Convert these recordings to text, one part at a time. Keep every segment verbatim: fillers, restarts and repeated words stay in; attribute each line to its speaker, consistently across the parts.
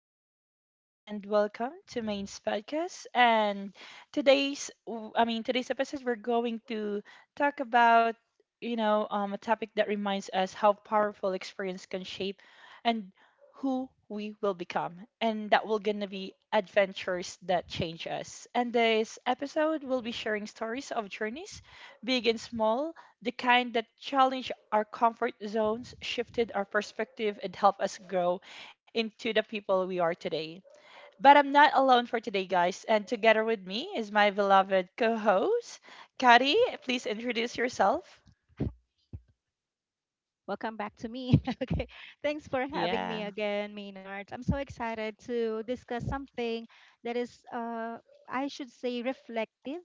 Speaker 1: everyone, and welcome to Main's podcast. And today's, w- I mean, today's episode, we're going to talk about, you know, um, a topic that reminds us how powerful experience can shape and who we will become, and that will gonna be adventures that change us. And this episode, we'll be sharing stories of journeys, big and small, the kind that challenge our comfort zones, shifted our perspective, and help us grow into the people we are today. But I'm not alone for today, guys. And together with me is my beloved co host, Kari. Please introduce yourself.
Speaker 2: Welcome back to me. Okay. Thanks for having me
Speaker 1: Yeah.
Speaker 2: again, Maynard. I'm so excited to discuss something that is, uh, I should say, reflective.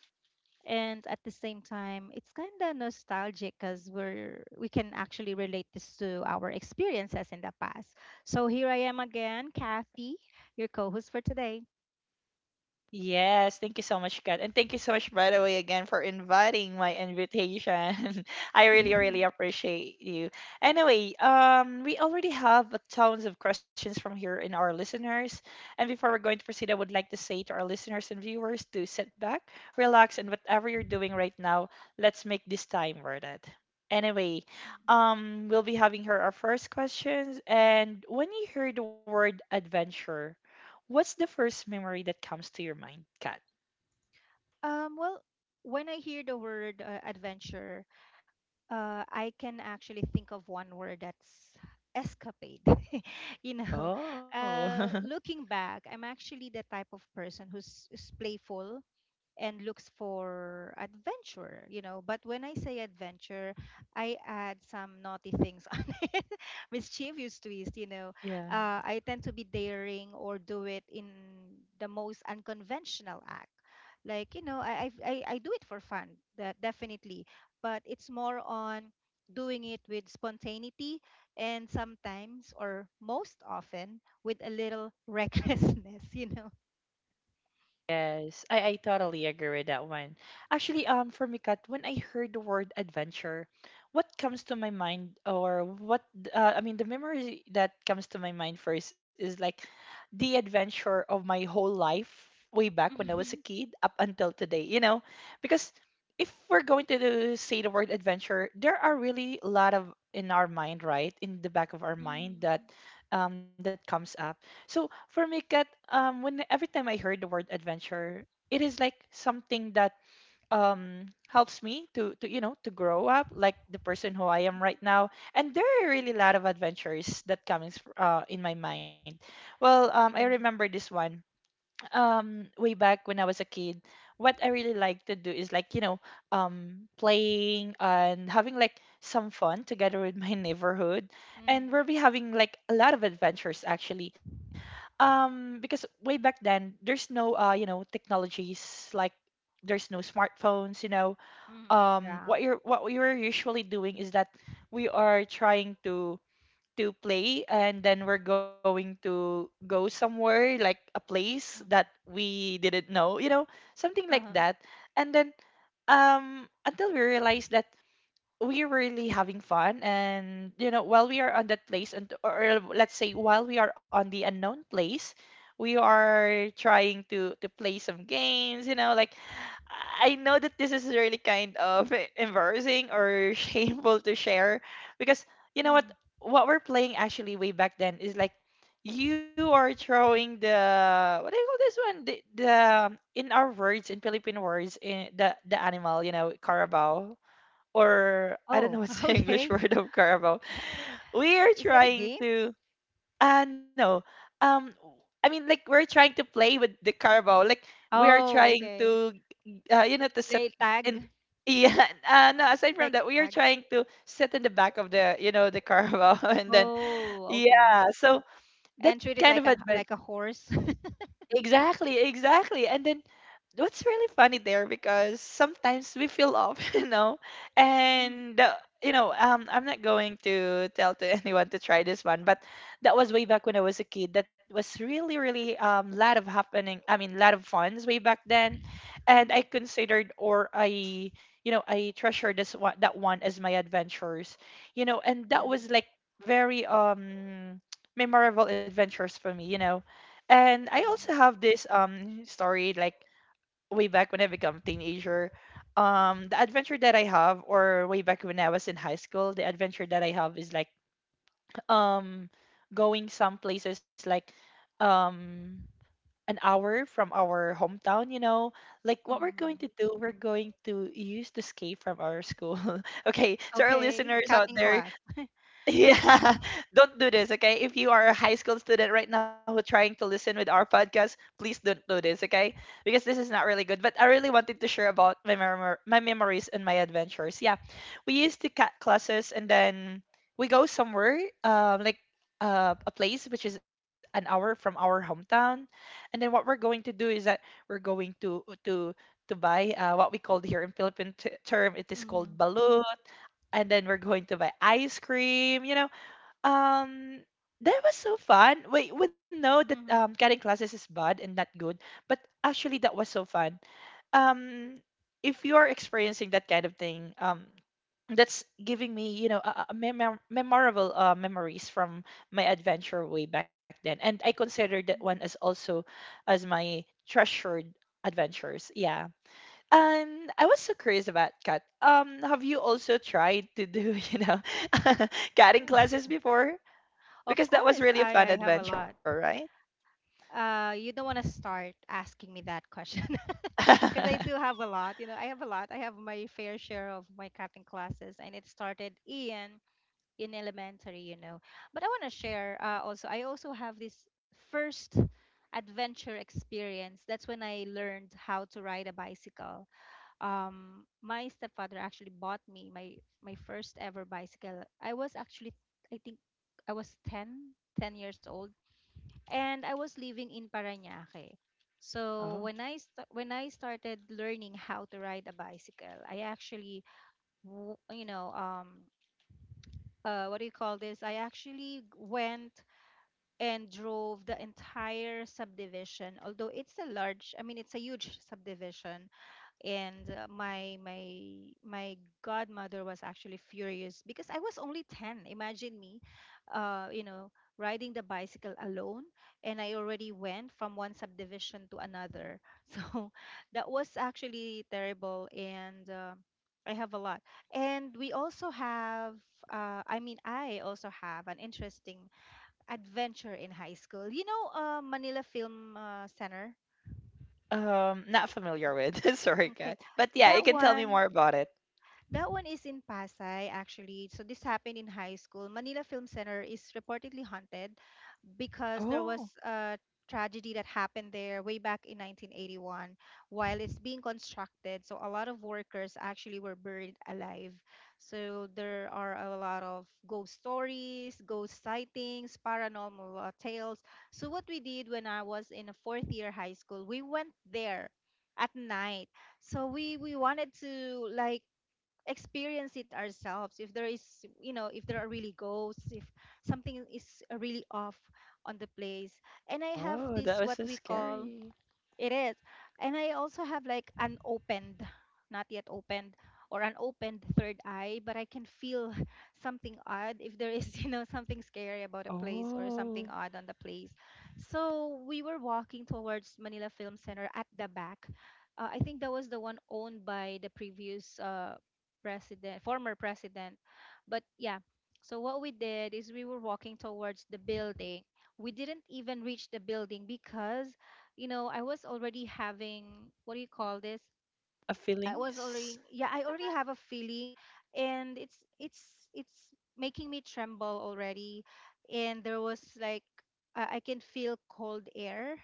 Speaker 2: And at the same time, it's kind of nostalgic because we're we can actually relate this to our experiences in the past. So here I am again, Kathy, your co-host for today.
Speaker 1: Yes, thank you so much, Kat. And thank you so much, by the way, again for inviting my invitation. I really, really appreciate you. Anyway, um, we already have a tons of questions from here in our listeners. And before we're going to proceed, I would like to say to our listeners and viewers to sit back, relax, and whatever you're doing right now, let's make this time worth it. Anyway, um, we'll be having here our first questions. And when you hear the word adventure, what's the first memory that comes to your mind, Kat?
Speaker 2: Um, well, when I hear the word uh, adventure, uh, I can actually think of one word, that's escapade. you know,
Speaker 1: Oh,
Speaker 2: uh, Looking back, I'm actually the type of person who's, is playful and looks for adventure, you know. But when I say adventure, I add some naughty things on it, mischievous twist, you know.
Speaker 1: yeah.
Speaker 2: Uh, I tend to be daring or do it in the most unconventional act. Like, you know, I, I, I I do it for fun, that definitely. But it's more on doing it with spontaneity and sometimes or most often with a little recklessness, you know.
Speaker 1: Yes, I, I totally agree with that one. Actually, um, for me, Kat, when I heard the word adventure, what comes to my mind, or what, uh, I mean, the memory that comes to my mind first is like the adventure of my whole life way back when I was a
Speaker 2: Mm-hmm.
Speaker 1: kid up until today, you know? Because if we're going to do- say the word adventure, there are really a lot of in our mind, right? In the back of our mind
Speaker 2: Mm-hmm.
Speaker 1: that um, that comes up. So for me, Kat, um, when every time I heard the word adventure, it is like something that um helps me to to you know to grow up like the person who I am right now. And there are really a lot of adventures that comes uh, in my mind. Well, um, I remember this one um way back when I was a kid, what I really like to do is like, you know, um playing and having like some fun together with my neighborhood. And
Speaker 2: Mhm.
Speaker 1: we'll be having like a lot of adventures actually. Um because way back then there's no uh, you know, technologies like there's no smartphones, you know.
Speaker 2: Mhm.
Speaker 1: Um
Speaker 2: Yeah.
Speaker 1: what you're what we were usually doing is that we are trying to to play and then we're going to go somewhere like a place that
Speaker 2: Mhm.
Speaker 1: we didn't know you know something like
Speaker 2: Uh-huh.
Speaker 1: that and then um until we realized that we we're really having fun and you know while we are on that place and or or let's say while we are on the unknown place we
Speaker 2: Mhm.
Speaker 1: are trying to to play some games you know like I know that this is really kind of e- embarrassing or shameful to share
Speaker 2: Mhm.
Speaker 1: because you know what what we're playing actually way back then is like you are throwing the what do you call this one the, the in our words in philippine words in the the animal you know carabao or I
Speaker 2: Oh,
Speaker 1: don't know what's the
Speaker 2: okay.
Speaker 1: English word of Carabao. We are
Speaker 2: Is that a
Speaker 1: trying
Speaker 2: game?
Speaker 1: to uh no. Um I mean like we're trying to play with the Carabao. Like we are
Speaker 2: Oh,
Speaker 1: trying
Speaker 2: okay.
Speaker 1: to uh, you know to set
Speaker 2: Play
Speaker 1: in
Speaker 2: tag.
Speaker 1: yeah, uh, no, aside from
Speaker 2: Like a
Speaker 1: that, we are
Speaker 2: tag.
Speaker 1: trying to sit in the back of the, you know, the Carabao and then
Speaker 2: Oh, okay.
Speaker 1: yeah, so
Speaker 2: And
Speaker 1: that
Speaker 2: treat
Speaker 1: kind
Speaker 2: it
Speaker 1: of
Speaker 2: like a
Speaker 1: adventure.
Speaker 2: like a horse.
Speaker 1: Exactly, exactly. And then what's really funny there because sometimes we feel off, you know,
Speaker 2: Mhm.
Speaker 1: and uh, you know, um, I'm not going to tell to anyone to try this one, but that was way back when I was a kid. That was really, really um, lot of happening. I mean, lot of funds way back then, and I
Speaker 2: Mhm.
Speaker 1: considered or I, you know, I treasure this one that one as my adventures, you know, and that
Speaker 2: Yeah.
Speaker 1: was like very um memorable adventures for me, you know and I also have this um story like way back when I become teenager. Um the adventure that I have or way back when I was in high school, the adventure that I have is like um going some places like um an hour from our hometown, you know. Like what we're going
Speaker 2: Mhm.
Speaker 1: to do, we're going to use the escape from our school. Okay, so our
Speaker 2: Okay.
Speaker 1: listeners out
Speaker 2: Cutting
Speaker 1: there,
Speaker 2: class.
Speaker 1: yeah, don't do this, okay? If you are a high school student right now who trying to listen with our podcast, please don't do this, okay? Because this is not really good. But I really wanted to share about my memor my memories and my adventures. Yeah, we used to cut classes and then we go somewhere, um, like uh, a place which is an hour from our hometown, and then what we're going to do is that we're going to to to buy uh, what we called here in Philippine t- term, it is called
Speaker 2: Mhm.
Speaker 1: balut and then we're going to buy ice cream, you know, um that was so fun. We we know that um
Speaker 2: Mhm.
Speaker 1: cutting classes is bad and not good, but actually that was so fun. Um if you're experiencing that kind of thing, um that's giving me, you know, a, a memor- memorable uh, memories from my adventure way back then. And I consider that one as
Speaker 2: Mhm.
Speaker 1: also as my treasured adventures. Yeah. And I was so curious about cat. Um have you also tried to do, you know, cutting classes before?
Speaker 2: Of
Speaker 1: Because that was
Speaker 2: course,
Speaker 1: really a
Speaker 2: I
Speaker 1: fun
Speaker 2: I have a
Speaker 1: adventure,
Speaker 2: lot.
Speaker 1: right?
Speaker 2: Uh, you don't want to start asking me that question because I do have a lot. You know, I have a lot. I have my fair share of my cutting classes, and it started in in elementary. You know, but I want to share uh, also. I also have this first adventure experience. That's when I learned how to ride a bicycle. Um, my stepfather actually bought me my my first ever bicycle. I was actually, I think, I was ten ten years old, and I was living in Parañaque. So
Speaker 1: Oh.
Speaker 2: when I st- when I started learning how to ride a bicycle, I actually w- you know um uh, what do you call this? I actually went and drove the entire subdivision. Although it's a large, I mean, it's a huge subdivision, and uh, my my my godmother was actually furious because I was only ten. Imagine me uh you know riding the bicycle alone, and I already went from one subdivision to another. So that was actually terrible, and uh, I have a lot. And we also have uh, I mean, I also have an interesting adventure in high school, you know uh, Manila Film uh, Center.
Speaker 1: Um, not familiar with. Sorry,
Speaker 2: Okay,
Speaker 1: Kat. But yeah, you
Speaker 2: that
Speaker 1: can tell me
Speaker 2: one
Speaker 1: more about it.
Speaker 2: That one is in Pasay, actually. So this happened in high school. Manila Film Center is reportedly haunted because there
Speaker 1: Oh.
Speaker 2: was a tragedy that happened there way back in nineteen eighty-one while it's being constructed. So a lot of workers actually were buried alive. So there are a lot of ghost stories, ghost sightings, paranormal uh, tales. So what we did when I was in a fourth year high school, we went there at night. So we we wanted to, like, experience it ourselves, if there is, you know if there are really ghosts, if something is really off on the place. And I have
Speaker 1: Oh, that was
Speaker 2: this,
Speaker 1: so
Speaker 2: what we call,
Speaker 1: scary.
Speaker 2: it is. And I also have like an opened, not yet opened, or an opened third eye, but I can feel something odd, if there is, you know, something scary about a place or something
Speaker 1: Oh,
Speaker 2: odd on the place. So we were walking towards Manila Film Center at the back. Uh, I think that was the one owned by the previous uh, president, former president. But yeah, so what we did is we were walking towards the building. We didn't even reach the building because, you know, I was already having, what do you call this?
Speaker 1: a
Speaker 2: I was
Speaker 1: feelings.
Speaker 2: already yeah, I already have a feeling, and it's it's it's making me tremble already, and there was like uh, I can feel cold air.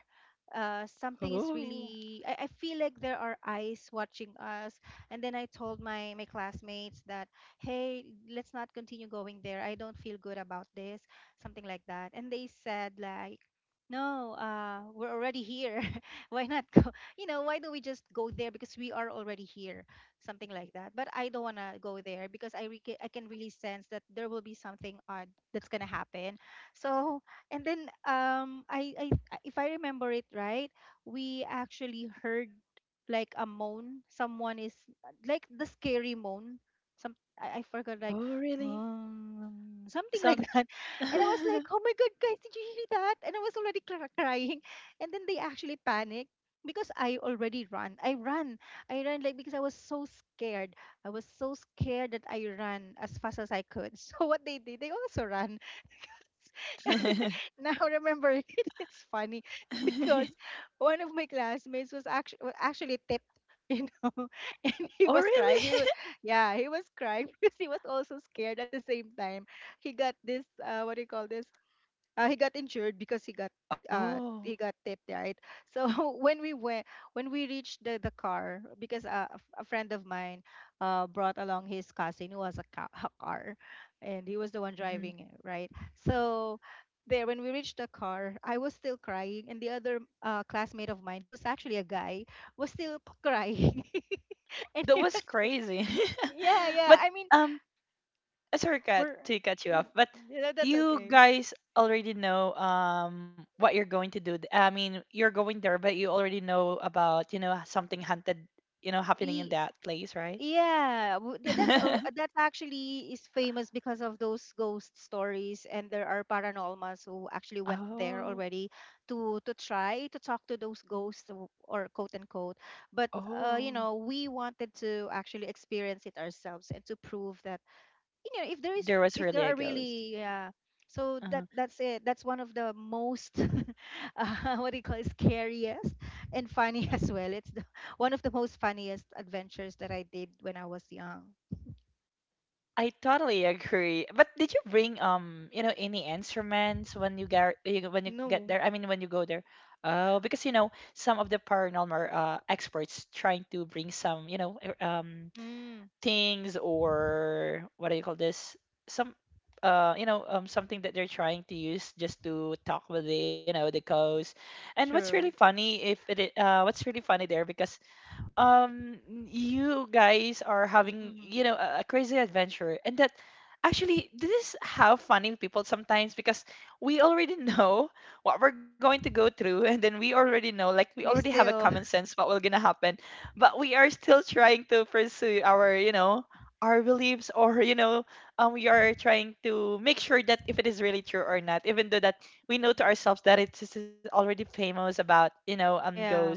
Speaker 2: Uh, something is
Speaker 1: Oh,
Speaker 2: really, I, I feel like there are eyes watching us. And then I told my my classmates that, hey, let's not continue going there, I don't feel good about this, something like that. And they said like, no, uh, we're already here. Why not go? You know, why don't we just go there because we are already here, something like that. But I don't want to go there because I re- I can really sense that there will be something odd that's going to happen. So, and then um I, I if I remember it right, we actually heard like a moan. Someone is, like, the scary moan. Some I, I forgot, like
Speaker 1: oh, really?
Speaker 2: um, something like
Speaker 1: Sound.
Speaker 2: that. And I was
Speaker 1: Oh,
Speaker 2: like, oh my God, guys, did you hear that? And I was already cr- crying. And then they actually panic because I already ran. I ran. I ran like because I was so scared. I was so scared that I ran as fast as I could. So what they did, they also ran. Now, remember, it, it's funny because one of my classmates was actually was actually tipped. You know, and he was crying.
Speaker 1: really?
Speaker 2: He was, yeah, he was crying because he was also scared at the same time. He got this, uh, what do you call this? Uh, he got injured because he got uh
Speaker 1: Oh,
Speaker 2: he got tipped, right? So when we went when we reached the the car because uh, a, f- a friend of mine uh brought along his cousin who was a, ca- a car, and he was the one
Speaker 1: mhm.
Speaker 2: driving it, right? So, there when we reached the car, I was still crying, and the other uh, classmate of mine who's actually a guy was still p- crying. and
Speaker 1: That
Speaker 2: he
Speaker 1: was
Speaker 2: was
Speaker 1: crazy.
Speaker 2: Yeah, yeah,
Speaker 1: but
Speaker 2: I mean,
Speaker 1: um, uh, sorry cut
Speaker 2: we're
Speaker 1: to cut you off but
Speaker 2: yeah, that's
Speaker 1: you
Speaker 2: okay.
Speaker 1: guys already know um what you're going to do th- I mean you're going there but you already know about you know something hunted you know happening in that place right
Speaker 2: Yeah, w- th- that's al- that actually is famous because of those ghost stories, and there are paranormals who actually went there
Speaker 1: oh
Speaker 2: already to to try to talk to those ghosts, w- or quote unquote. But uh, you
Speaker 1: oh
Speaker 2: know, we wanted to actually experience it ourselves and to prove that you know if there is
Speaker 1: there was
Speaker 2: if
Speaker 1: really
Speaker 2: there
Speaker 1: a
Speaker 2: are
Speaker 1: ghost
Speaker 2: really, yeah. So that
Speaker 1: uh,
Speaker 2: that's it. That's one of the most uh, what do you call it, scariest and funny as well. it's the, one of the most funniest adventures that I did when I was young.
Speaker 1: I totally agree but did you bring um you know any instruments when you get when you get there I
Speaker 2: No.
Speaker 1: mean when you go there oh because you know some of the paranormal uh, experts trying to bring some you know er- um
Speaker 2: Mm.
Speaker 1: things or what do you call this some uh you know um something that they're trying to use just to talk with the you know the cows. And what's really
Speaker 2: True.
Speaker 1: funny if it i- uh what's really funny there because um you guys are having you
Speaker 2: Hmm.
Speaker 1: know a, a crazy adventure and that actually this is how funny people sometimes because we already know what we're going to go through and then we already know like we
Speaker 2: we
Speaker 1: already have a
Speaker 2: still
Speaker 1: common sense what will gonna happen but we are still trying to pursue our you know our beliefs or you know um, we are trying to make sure that if it is really true or not even though that we know to ourselves that it's, it's already famous about you know um ghosts
Speaker 2: yeah,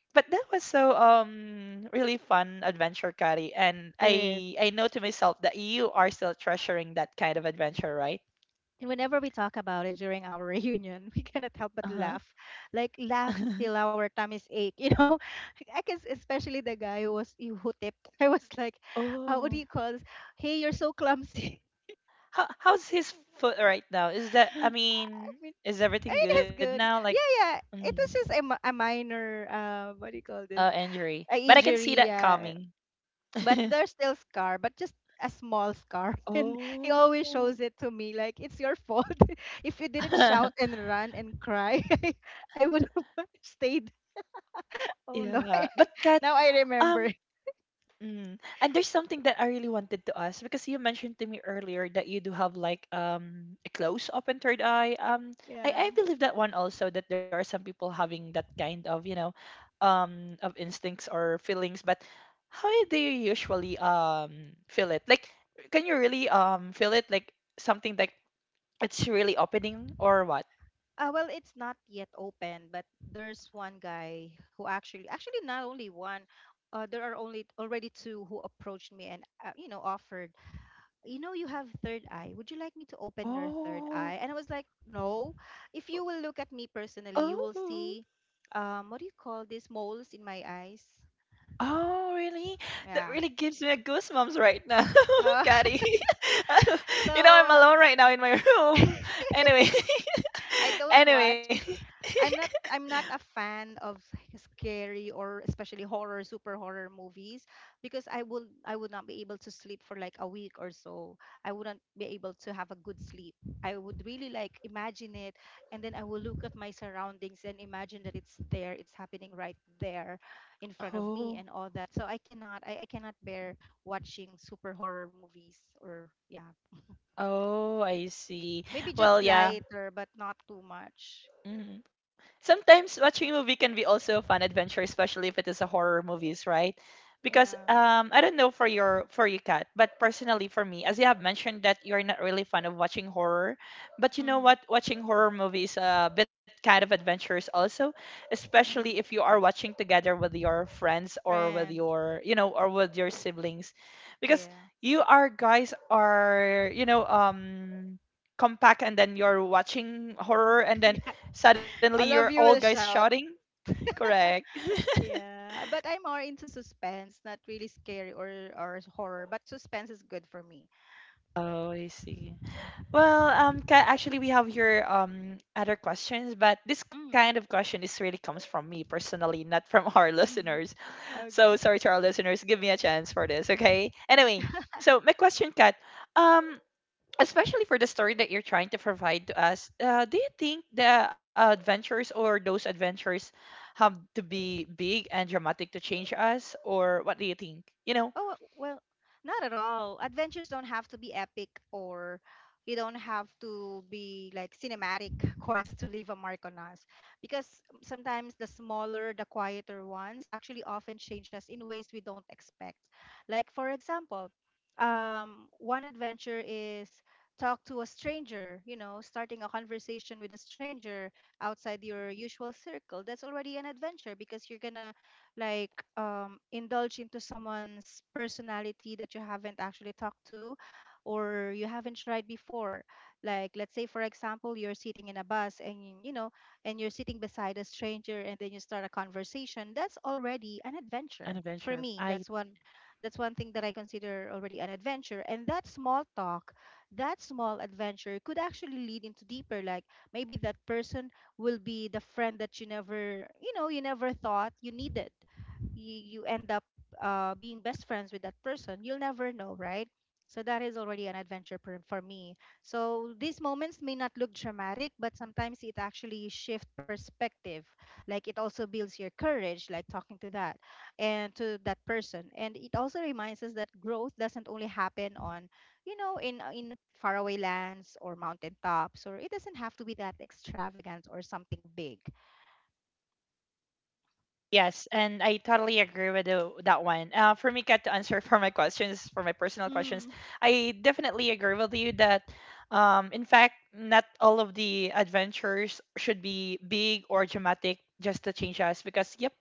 Speaker 1: but that was so um really fun adventure Kari. And
Speaker 2: it is.
Speaker 1: i i know to myself that you are still treasuring that kind of adventure right
Speaker 2: And whenever we talk about it during our reunion, we cannot help but
Speaker 1: uh-huh
Speaker 2: laugh. Like, laugh till our tummies ache, you know. I guess especially the guy who was who tipped. I was like, uh, what do
Speaker 1: oh.
Speaker 2: you call this? Hey, you're so clumsy.
Speaker 1: How, how's his foot right now is that I
Speaker 2: I
Speaker 1: mean
Speaker 2: mean,
Speaker 1: is
Speaker 2: I
Speaker 1: everything
Speaker 2: mean,
Speaker 1: good
Speaker 2: he's
Speaker 1: now
Speaker 2: good.
Speaker 1: like
Speaker 2: Yeah, yeah.
Speaker 1: mm,
Speaker 2: It was just a, mi- a minor, uh, what do you call
Speaker 1: uh
Speaker 2: this?
Speaker 1: injury
Speaker 2: A
Speaker 1: but I can see
Speaker 2: injury.
Speaker 1: that
Speaker 2: Yeah,
Speaker 1: coming
Speaker 2: but there's still scar but just a small scar, and he
Speaker 1: oh
Speaker 2: always shows it to me like it's your fault. If you didn't shout and run and cry, I would have stayed. Oh no.
Speaker 1: yeah but kat
Speaker 2: Now I
Speaker 1: um
Speaker 2: remember.
Speaker 1: Mm. And there's something that I really wanted to ask because you mentioned to me earlier that you do have like um a close open third eye. Um, I
Speaker 2: Yeah,
Speaker 1: I believe that one also that there are some people having that kind of you know, um, of instincts or feelings. But how do you usually um feel it? Like, can you really um feel it like something like it's really opening or what?
Speaker 2: uh, well, it's not yet open, but there's one guy who actually actually, not only one, uh, there are only already two, who approached me and uh, you know offered, you know, you have third eye, would you like me to open your third eye?
Speaker 1: Oh,
Speaker 2: And I was like, no. If you will look at me personally, you will
Speaker 1: Oh.
Speaker 2: see um what do you call this, moles in my eyes.
Speaker 1: Oh, really? That
Speaker 2: Yeah.
Speaker 1: really gives me a goosebumps right now,
Speaker 2: Uh,
Speaker 1: Caddy.
Speaker 2: so
Speaker 1: You know, I'm
Speaker 2: uh,
Speaker 1: alone right now in my room. Anyway,
Speaker 2: I don't want
Speaker 1: anyway.
Speaker 2: I'm not I'm not a fan of scary, or especially horror, super horror movies, because I will I would not be able to sleep for like a week or so. I wouldn't be able to have a good sleep. I would really like imagine it, and then I will look at my surroundings and imagine that it's there, it's happening right there in front of me
Speaker 1: Oh,
Speaker 2: and all that. So I cannot I, I cannot bear watching super horror movies, or yeah.
Speaker 1: oh, I see.
Speaker 2: Maybe just
Speaker 1: Well, yeah.
Speaker 2: lighter but not too much.
Speaker 1: Mhm. Sometimes watching a movie can be also a fun adventure, especially if it is a horror movies, right? Because
Speaker 2: Yeah.
Speaker 1: um, I don't know for your for you, Kat, but personally for me, as you have mentioned that you're not really fond of watching horror, but you know
Speaker 2: Mhm.
Speaker 1: what? Watching horror movies a bit kind of adventurous also, especially if you
Speaker 2: Mhm.
Speaker 1: are watching together with your friends or with
Speaker 2: Friends.
Speaker 1: your you know or with your siblings, because
Speaker 2: Yeah.
Speaker 1: you are guys are you know um compact and then you're watching horror and then
Speaker 2: Yeah.
Speaker 1: suddenly you're
Speaker 2: All
Speaker 1: all
Speaker 2: of you
Speaker 1: guys
Speaker 2: will
Speaker 1: shouting.
Speaker 2: shout.
Speaker 1: Correct.
Speaker 2: Yeah. But I'm more into suspense, not really scary, or or horror, but suspense is good for me.
Speaker 1: Oh, I see. Well, um, ca- actually, we have here um other questions, but this kind of
Speaker 2: Mm.
Speaker 1: question is really comes from me personally, not from our
Speaker 2: Mm.
Speaker 1: listeners. So
Speaker 2: Okay.
Speaker 1: sorry to our listeners. Give me a chance for this, okay? Anyway, so my question, Kat, um, especially for the story that you're trying to provide to us, uh, do you think the uh, adventures or those adventures have to be big and dramatic to change us, or what do you think? You know?
Speaker 2: Oh, well, not at all. Adventures don't have to be epic, or you don't have to be like cinematic quests to leave a mark on us, because sometimes the smaller, the quieter ones actually often change us in ways we don't expect. Like for example, um, one adventure is talk to a stranger, you know starting a conversation with a stranger outside your usual circle. That's already an adventure, because you're gonna, like, um, indulge into someone's personality that you haven't actually talked to, or you haven't tried before. Like let's say for example, you're sitting in a bus and you you know and you're sitting beside a stranger, and then you start a conversation. That's already an
Speaker 1: An
Speaker 2: adventure for
Speaker 1: adventure.
Speaker 2: me.
Speaker 1: I
Speaker 2: That's one that's one thing that I consider already an adventure. And that small talk, that small adventure, could actually lead into deeper, like maybe that person will be the friend that you never, you know you never thought you needed. You, you end up uh, being best friends with that person. You'll never know, right? So that is already an adventure per- for me. So these moments may not look dramatic, but sometimes it actually shifts perspective. Like it also builds your courage, like talking to that and to that person. And it also reminds us that growth doesn't only happen on, you know in in faraway lands or mountain tops, or it doesn't have to be that extravagant or something big.
Speaker 1: yes, and I totally agree with the, that one. Uh, for me, Kat, to answer for my questions, for my personal
Speaker 2: Mm,
Speaker 1: questions,
Speaker 2: mm,
Speaker 1: I definitely agree with you that, um, in fact, not all of the adventures should be big or dramatic just to change us because, yep,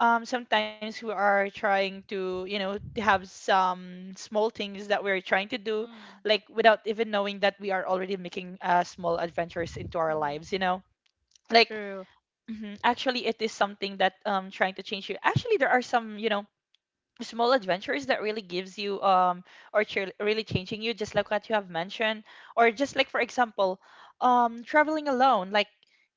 Speaker 1: um, sometimes we are trying to, you know, to have some small things that we're trying to do,
Speaker 2: mm-hmm.
Speaker 1: like without even knowing that we are already making uh, small adventures into our lives, you know. Like,
Speaker 2: True.
Speaker 1: mhm. Actually, it is something that um trying to change you. Actually, there are some, you know, small adventures that really gives you um or ch- really changing you just like what you have mentioned or just like for example um traveling alone, like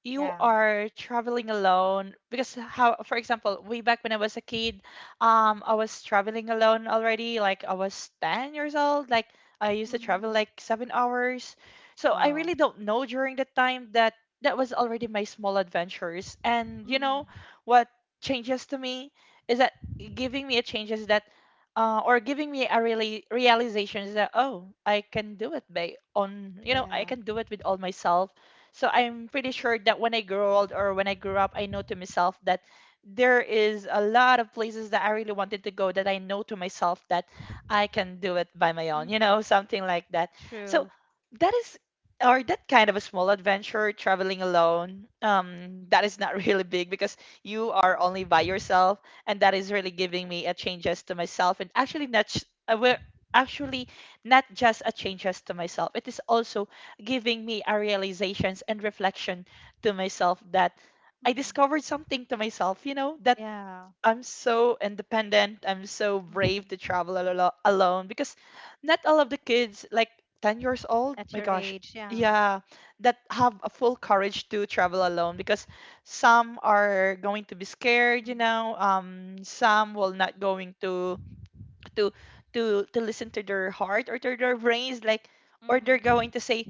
Speaker 1: you
Speaker 2: Yeah.
Speaker 1: are traveling alone because how for example way back when I was a kid um I was traveling alone already, like I was ten years old, like I used to travel
Speaker 2: Mhm.
Speaker 1: like seven hours. So I
Speaker 2: Wow.
Speaker 1: really don't know during that time that that was already my small adventures. And you know
Speaker 2: Mhm.
Speaker 1: what changes to me is that giving me a change is that uh, or giving me a really realization is that oh, I can do it by on, you know, I
Speaker 2: Yeah.
Speaker 1: can do it with all myself. So I'm pretty sure that when I grow old or when I grew up, I know to myself that there is a lot of places that I really wanted to go, that I know to myself that I can do it by my own, you
Speaker 2: Mhm.
Speaker 1: know, something like that. So
Speaker 2: True.
Speaker 1: that is or that kind of a small adventure, traveling alone, um that is not really big because you are only by yourself. And that is really giving me a changes to myself. And actually not sh- uh, we're actually not just a changes to myself, it is also giving me a realizations and reflection to myself that I
Speaker 2: Mhm.
Speaker 1: discovered something to myself, you know, that
Speaker 2: Yeah.
Speaker 1: I'm so independent. I'm so brave to
Speaker 2: Mhm.
Speaker 1: travel al- alo- alone because not all of the kids, like ten years old,
Speaker 2: At
Speaker 1: my
Speaker 2: your
Speaker 1: gosh,
Speaker 2: age. Yeah.
Speaker 1: yeah, that have a full courage to travel alone because some are going to be scared, you
Speaker 2: Mhm.
Speaker 1: know, um, some will not going to to to to listen to their heart or to their brains, like, or they're
Speaker 2: Mm-hmm.
Speaker 1: going to say,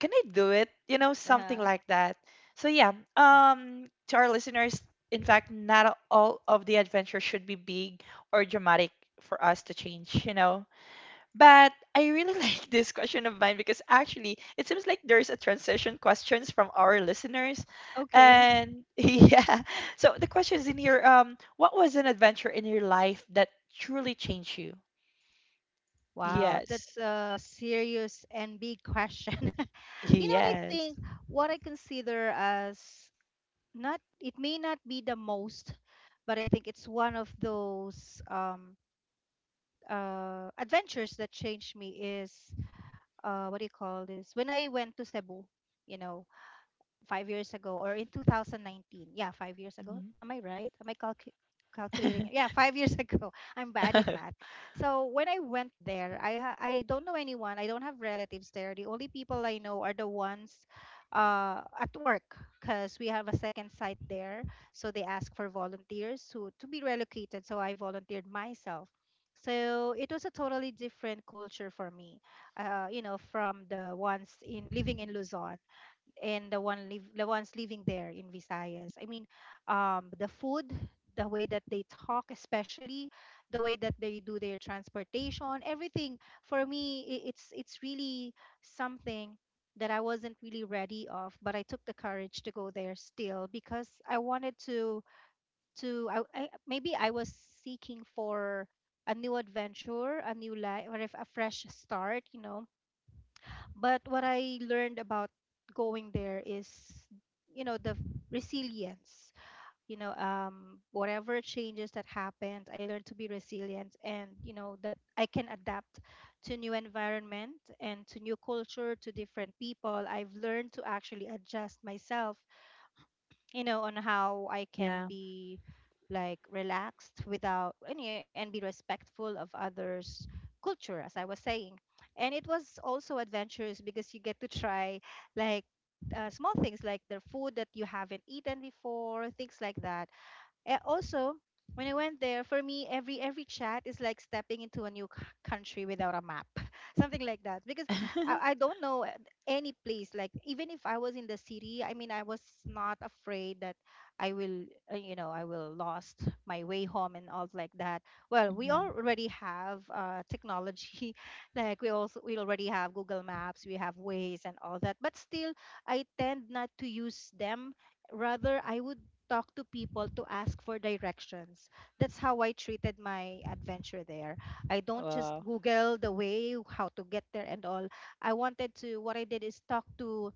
Speaker 1: can I do it? You know, something
Speaker 2: Uh,
Speaker 1: like that. So yeah, um, to our listeners, in
Speaker 2: okay.
Speaker 1: fact, not all of the adventure should be big or dramatic for us to change, you know. But I really like this question of mine because actually it seems like there's a transition questions from our listeners.
Speaker 2: Okay.
Speaker 1: And yeah. So the questions in here, um, what was an adventure in your life that truly changed you?
Speaker 2: Wow,
Speaker 1: Yes.
Speaker 2: that's a serious and big question. You know what I
Speaker 1: Yes.
Speaker 2: think? What I consider as not, it may not be the most, but I think it's one of those um, uh, adventures that changed me is uh what do you call this, when I went to Cebu, you know five years ago, or in two thousand nineteen. Yeah, five years ago. Am I right? Am I calcu-
Speaker 1: Mhm.
Speaker 2: calculating it? Yeah, five years ago. I'm bad in math. So when I went there, I ha- I don't know anyone. I don't have relatives there. The only people I know are the ones uh, at work, because we have a second site there. So they ask for volunteers to to be relocated. So I volunteered myself. So it was a totally different culture for me, uh, you know, from the ones in living in Luzon and the one live the ones living there in Visayas. I mean, um, the food, the way that they talk, especially the way that they do their transportation, everything. For me, i- it's it's really something that I wasn't really ready of, but I took the courage to go there still because I wanted to to I, I maybe I was seeking for a new adventure, a new life, or if a fresh start, you know but what I learned about going there is, you know, the resilience. You know, um, whatever changes that happened, I learned to be resilient and, you know, that I can adapt to new environment and to new culture, to different people. I've learned to actually adjust myself, you know, on how I can
Speaker 1: yeah.
Speaker 2: be like relaxed without any, and be respectful of others' culture, as I was saying. And it was also adventurous because you get to try, like, uh, small things like their food that you haven't eaten before, things like that. Eh, also, when I went there, for me, every every chat is like stepping into a new c- country without a map, something like that. Because I, I don't know uh, any place. Like even if I was in the city, I mean, I was not afraid that I will, uh, you know, I will lost my way home and all like that. Well, we
Speaker 1: hmm.
Speaker 2: already have uh, technology, like we also we already have Google Maps, we have Waze and all that. But still, I tend not to use them, rather I would talk to people to ask for directions. That's how I treated my adventure there. I don't just
Speaker 1: Wow.
Speaker 2: Google the way, how to get there, and all. I wanted to, what I did is talk to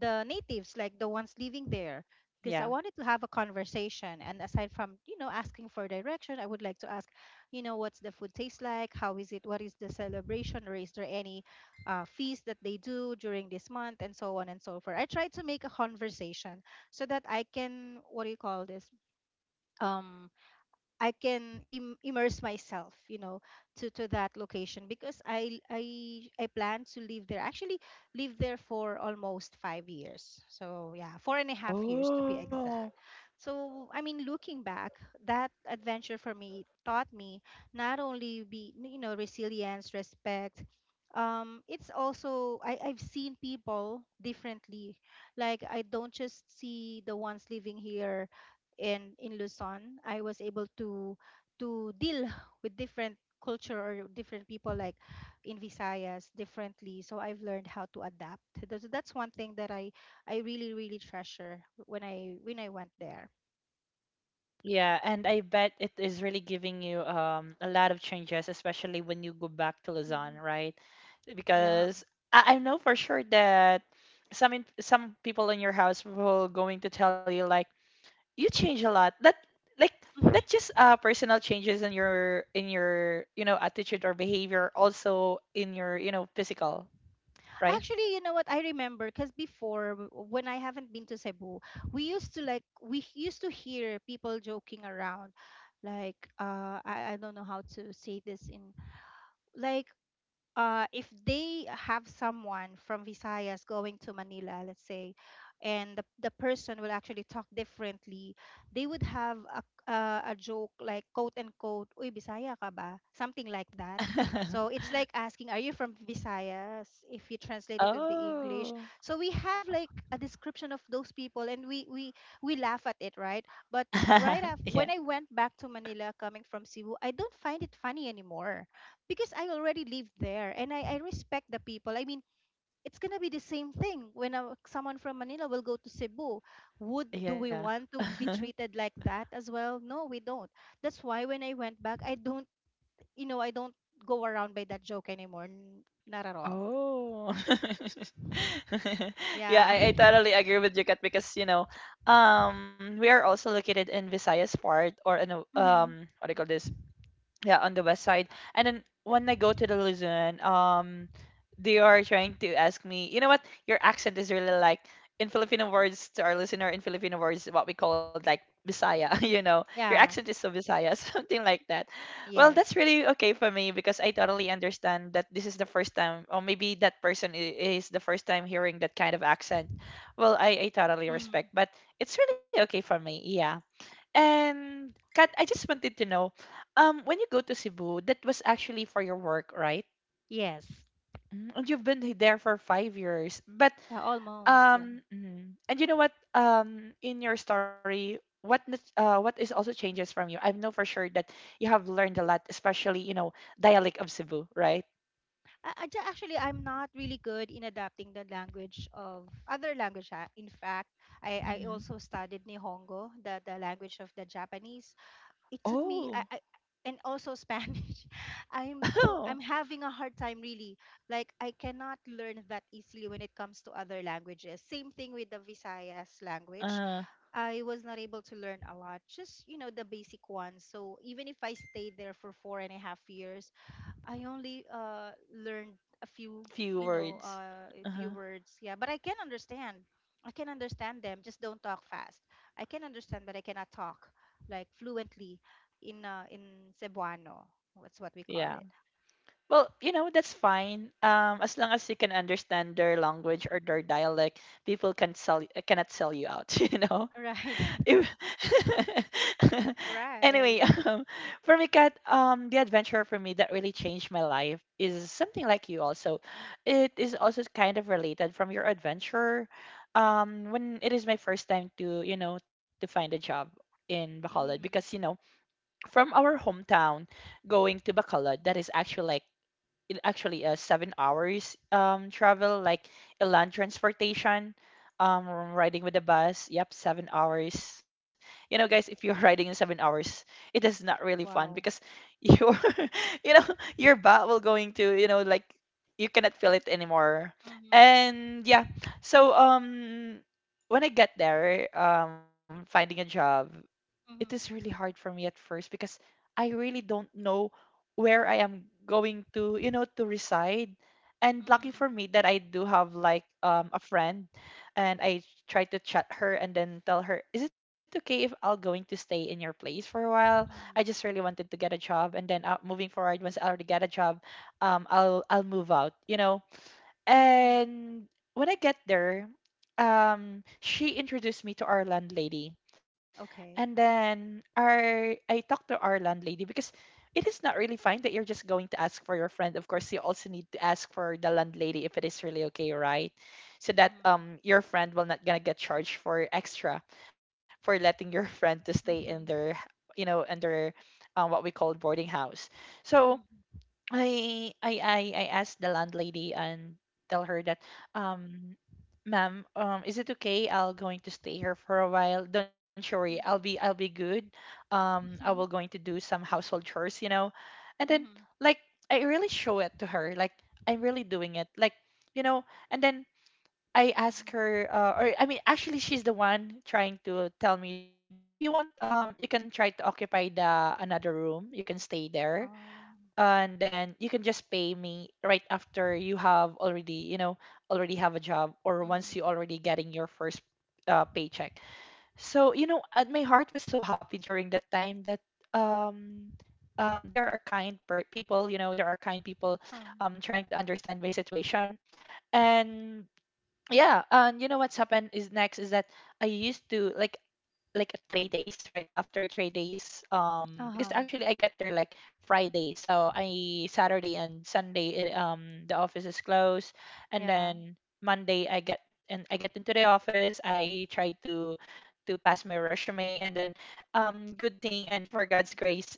Speaker 2: the natives, like the ones living there, because I
Speaker 1: Yeah.
Speaker 2: wanted to have a conversation. And aside from, you know, asking for direction, I would like to ask, you know, what's the food taste like? How is it? What is the celebration? Or is there any uh, feast that they do during this month? And so on and so forth. I try to make a conversation so that I can, what do you call this? Um, I can Im- immerse myself, you know, to, to that location because I I I plan to live there. Actually, live there for almost five years. So yeah, four and a half years to be
Speaker 1: Oh,
Speaker 2: exact. So I mean, looking back, that adventure for me taught me not only be, you know resilience, respect. Um, it's also I, I've seen people differently. Like I don't just see the ones living here in in Luzon, I was able to to deal with different culture or different people, like in Visayas differently. So I've learned how to adapt. That's that's one thing that I I really really treasure when I when I went there.
Speaker 1: yeah, and I bet it is really giving you um a lot of changes, especially when you go back to
Speaker 2: Mhm.
Speaker 1: Luzon, right?
Speaker 2: Yeah.
Speaker 1: Because I, I know for sure that some in, some people in your house will going to tell you like you change a lot. That like not just uh personal changes in your in your you know attitude or behavior, also in your you know physical, right?
Speaker 2: Actually, you know what? I remember because before, w- when I haven't been to Cebu, we used to like, we h- used to hear people joking around, like, uh, I I don't know how to say this in, like, uh, if they have someone from Visayas going to Manila, let's say, and the, the person will actually talk differently, they would have a, uh, a joke like quote unquote, Uy, Bisaya ka ba? Something like that. So it's like asking, are you from Visayas? If you translate it into English.
Speaker 1: Oh.
Speaker 2: So we have like a description of those people and we, we, we laugh at it, right? But right after,
Speaker 1: Yeah.
Speaker 2: when I went back to Manila coming from Cebu, I don't find it funny anymore because I already live there and I, I respect the people. I mean, it's gonna be the same thing when a, someone from Manila will go to Cebu. Would do
Speaker 1: Yeah.
Speaker 2: we want to be treated like that as well? No, we don't. That's why when I went back, I don't, you know, I don't go around by that joke anymore. N- not at all.
Speaker 1: Oh. Yeah,
Speaker 2: Yeah.
Speaker 1: I, I totally agree with you, Kat, because you know, um, we are also located in Visayas part or in
Speaker 2: Hmm.
Speaker 1: um, what do you call this? Yeah, on the west side. And then when I go to the Luzon, um they are trying to ask me, you know, what your accent is really like in Filipino words. To our listener, in Filipino words, what we call it, like Bisaya, you know, your
Speaker 2: Yeah.
Speaker 1: accent is so Bisaya, something like that. Well, that's
Speaker 2: Yes.
Speaker 1: really okay for me because I totally understand that this is the first time, or maybe that person i- is the first time hearing that kind of accent. Well i, I totally
Speaker 2: Mm.
Speaker 1: respect, but it's really okay for me, yeah. And Kat, I just wanted to know, um, when you go to Cebu, that was actually for your work, right?
Speaker 2: Yes.
Speaker 1: Mm, and you've been there for five years. But
Speaker 2: Yeah. Almost. Yeah.
Speaker 1: um, mm, and you know what? Um, in your story, what nas- uh, what is also changes from you? I know for sure that you have learned a lot, especially you know dialect of Cebu, right?
Speaker 2: I, I ju- actually, I'm not really good in adapting the language of other language. ah. In fact, I, I
Speaker 1: Hmm.
Speaker 2: also studied Nihongo, the, the language of the Japanese. It took
Speaker 1: Oh,
Speaker 2: me, I, I and also Spanish. I'm so
Speaker 1: oh,
Speaker 2: I'm having a hard time really. Like I cannot learn that easily when it comes to other languages. Same thing with the Visayas language.
Speaker 1: uh,
Speaker 2: I was not able to learn a lot, just, you know the basic ones. So even if I stayed there for four and a half years, I only uh, learned a few,
Speaker 1: few
Speaker 2: you know,
Speaker 1: words.
Speaker 2: uh, a few
Speaker 1: Uh-huh.
Speaker 2: words. Yeah, but I can understand. I can understand them. Just don't talk fast. I can understand, but I cannot talk, like, fluently, in uh, in Cebuano. That's what we call
Speaker 1: Yeah.
Speaker 2: it.
Speaker 1: Well, you know, that's fine. Um, as long as you can understand their language or their dialect, people can sell y- cannot sell you out, you know.
Speaker 2: Right.
Speaker 1: If- anyway,
Speaker 2: Right.
Speaker 1: um, for me, Kat, um, the adventure for me that really changed my life is something like you also. It is also kind of related from your adventure. Um, when it is my first time to, you know, to find a job in Bacolod because, you
Speaker 2: Hmm.
Speaker 1: know, from our hometown going to Bacolod, that is actually like it actually uh, seven hours um travel, like a land transportation, um, riding with the bus, yep, seven hours. You know guys, if you're riding in seven hours, it is not really fun
Speaker 2: Wow.
Speaker 1: because you're you know your butt will going to you know like you cannot feel it anymore.
Speaker 2: Mm-hmm.
Speaker 1: And yeah, so um, when I get there, um, finding a job, it is
Speaker 2: Mm-hmm.
Speaker 1: really hard for me at first because I really don't know where I am going to, you know, to reside. And lucky
Speaker 2: Mm-hmm.
Speaker 1: for me that I do have like um, a friend, and I tried to chat her and then tell her, "Is it okay if I'll going to stay in your place for a while? I
Speaker 2: Mm-hmm.
Speaker 1: just really wanted to get a job, and then uh, moving forward, once I already get a job, um, I'll I'll move out, you know."
Speaker 2: mm
Speaker 1: And when I get there, um, she introduced me to our landlady
Speaker 2: Okay.
Speaker 1: and then our I talked to our landlady because it is not really fine that you're just going to ask for your friend. Of course, you also need to ask for the landlady if it is really okay, right? So that
Speaker 2: Mm-hmm.
Speaker 1: um your friend will not gonna get charged for extra for letting your friend to stay in their
Speaker 2: Mm-hmm.
Speaker 1: you know under um, what we call boarding house. So
Speaker 2: Mm-hmm.
Speaker 1: I I I I asked the landlady and tell her that um, ma'am, um, is it okay I'll going to stay here for a while, don't you worry, I'll be I'll be good. Um, I will
Speaker 2: Mm-hmm. Mm-hmm.
Speaker 1: going to do some household chores, you know. And then,
Speaker 2: Mm-hmm.
Speaker 1: like, I really show it to her like I'm really doing it like, you know. And then I ask
Speaker 2: Mm-hmm.
Speaker 1: her uh, or I mean actually she's the one trying to tell me that if you want um you can try to occupy the another room, you can stay there
Speaker 2: Oh.
Speaker 1: and then you can just pay me right after you have already, you know, already have a job, or once
Speaker 2: Mm-hmm.
Speaker 1: you already getting your first uh, paycheck. So you know, and my heart was so happy during that time that um um there are kind per- people, you know, there are kind people
Speaker 2: Um,
Speaker 1: um trying to understand my situation. And yeah, and you know what's happened is next is that I used to like like at three days, right after three days, um, because
Speaker 2: Uh-huh.
Speaker 1: actually I get there like friday, so I saturday and sunday it, um, the office is closed. And
Speaker 2: Yeah.
Speaker 1: then monday I get and I get into the office, I try to to pass my resume. And then um, good thing and for god's grace,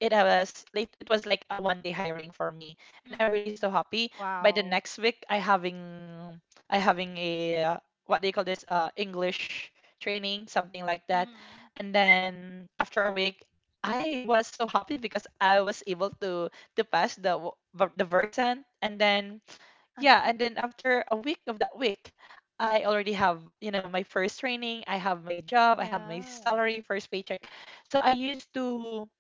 Speaker 1: it was like- it was like a one day hiring for me. And I'm really
Speaker 2: Mm-hmm.
Speaker 1: so happy. By the
Speaker 2: Wow.
Speaker 1: next week I having I having a uh, what they call this uh, english training, something like that.
Speaker 2: Mm-hmm.
Speaker 1: And then after a week, I was so happy because I was able to to pass the w- ver- the versant. And then yeah,
Speaker 2: Uh-huh.
Speaker 1: and then after a week of that week, I already have, you know, my first training, I have my job, I have my
Speaker 2: Yeah.
Speaker 1: salary, first paycheck. So I used to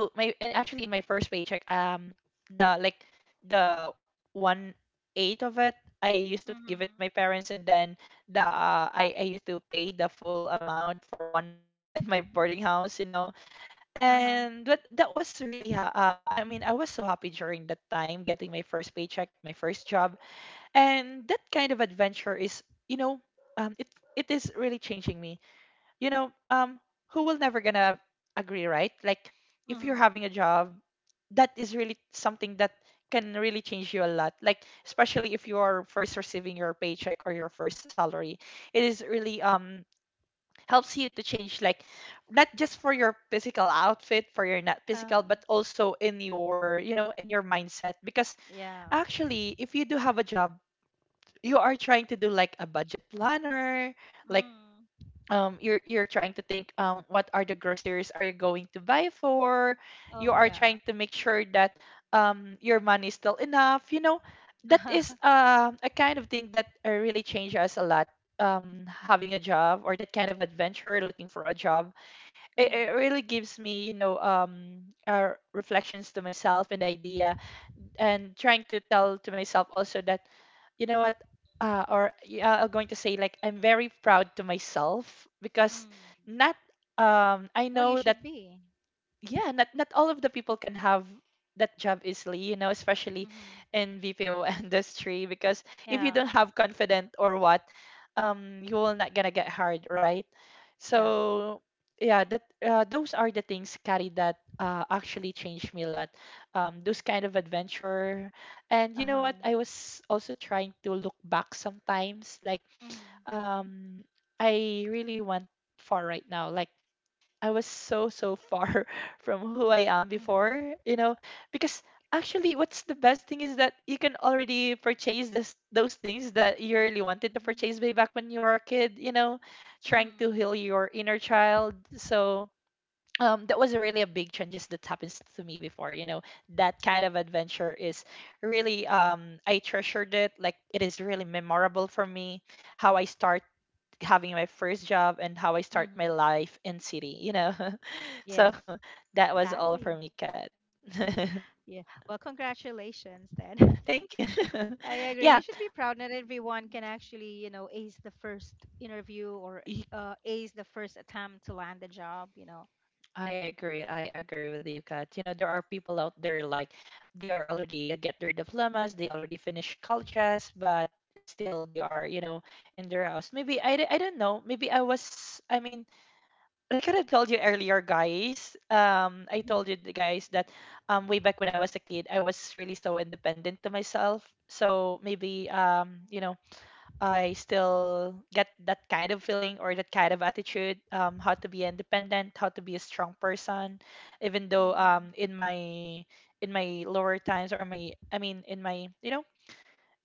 Speaker 1: to my and actually in my first paycheck, um, the like, the one eighth of it I used to give it to
Speaker 2: Mm-hmm.
Speaker 1: my parents. And then the uh, I I used to pay the full amount for one month in my boarding house. You know,
Speaker 2: Uh-huh.
Speaker 1: and but that was really ha- uh, I mean I was so happy during that time, getting my first paycheck, my first job. And that kind of adventure is, you know, um it it is really changing me, you know. Um who will never gonna agree, right? Like if you're
Speaker 2: Mm-hmm.
Speaker 1: having a job, that is really something that can really change you a lot, like especially if you're first receiving your paycheck or your first salary. It is really um helps you to change, like not just for your physical outfit, for your not physical, but
Speaker 2: Um.
Speaker 1: also in your, you know, in your mindset. Because
Speaker 2: Yeah.
Speaker 1: actually, if you do have a job, you are trying to do like a budget planner, like
Speaker 2: Mm-hmm.
Speaker 1: um you're you're trying to think, um what are the groceries are you going to buy for. You
Speaker 2: Oh,
Speaker 1: are trying
Speaker 2: yeah.
Speaker 1: to make sure that um your money is still enough, you know. That is uh, a kind of thing that uh, really changed us a lot. Um having a job, or that kind of adventure looking for a job,
Speaker 2: Uh
Speaker 1: it,
Speaker 2: huh.
Speaker 1: it really gives me, you know, um uh, reflections to myself and idea. And trying to tell to myself also that, you know what, uh, or yeah, I'm going to say like I'm very proud to myself. Because
Speaker 2: Mm-hmm.
Speaker 1: not um I
Speaker 2: Well,
Speaker 1: know
Speaker 2: you
Speaker 1: that,
Speaker 2: should be.
Speaker 1: yeah, not not all of the people can have that job easily, you know, especially
Speaker 2: Mm-hmm.
Speaker 1: in B P O industry. Because if you
Speaker 2: Yeah.
Speaker 1: don't have confident or what, um, you will not gonna get hired, right?
Speaker 2: Yeah.
Speaker 1: So yeah, that uh, those are the things, Carrie, that uh, actually changed me a lot. Um,
Speaker 2: Mm.
Speaker 1: those kind of adventure. And you know
Speaker 2: Uh-huh.
Speaker 1: what? I was also trying to look back sometimes, like
Speaker 2: Mm-hmm.
Speaker 1: um, I really want for right now. Like I was so so far from who I am before,
Speaker 2: Mm-hmm.
Speaker 1: you know. Because actually, what's the best thing is that you can already purchase this those things that you really wanted to
Speaker 2: Mm-hmm.
Speaker 1: purchase way back when you were a kid, you know, trying to
Speaker 2: Mm-hmm.
Speaker 1: heal your inner child. So um, that was a really a big change just that happens to me before, you know. That kind of adventure is really um I treasured it. Like it is really memorable for me, how I start having my first job and how I start my
Speaker 2: Mm-hmm.
Speaker 1: life in city, you know.
Speaker 2: Yes.
Speaker 1: So that was all
Speaker 2: Exactly.
Speaker 1: for me, Kat.
Speaker 2: Yeah. Well, congratulations then.
Speaker 1: Thank you.
Speaker 2: I agree. You
Speaker 1: Yeah,
Speaker 2: should be proud that everyone can actually, you know, ace the first interview, or
Speaker 1: y-
Speaker 2: uh, ace the first attempt to land a job, you know.
Speaker 1: I agree. I agree with you, Kat. You know, there are people out there, like they are already uh, get their diplomas, they already finished colleges, but still they are, you know, in their house. Maybe I, d- I don't know. Maybe I was, I mean, like I told you earlier, guys. Um, I told you, the guys, that um way back when I was a kid, I was really so independent to myself. So maybe um, you know, I still get that kind of feeling or that kind of attitude, um, how to be independent, how to be a strong person. Even though
Speaker 2: Mhm.
Speaker 1: um, in my in my lower times, or my I mean in my, you know,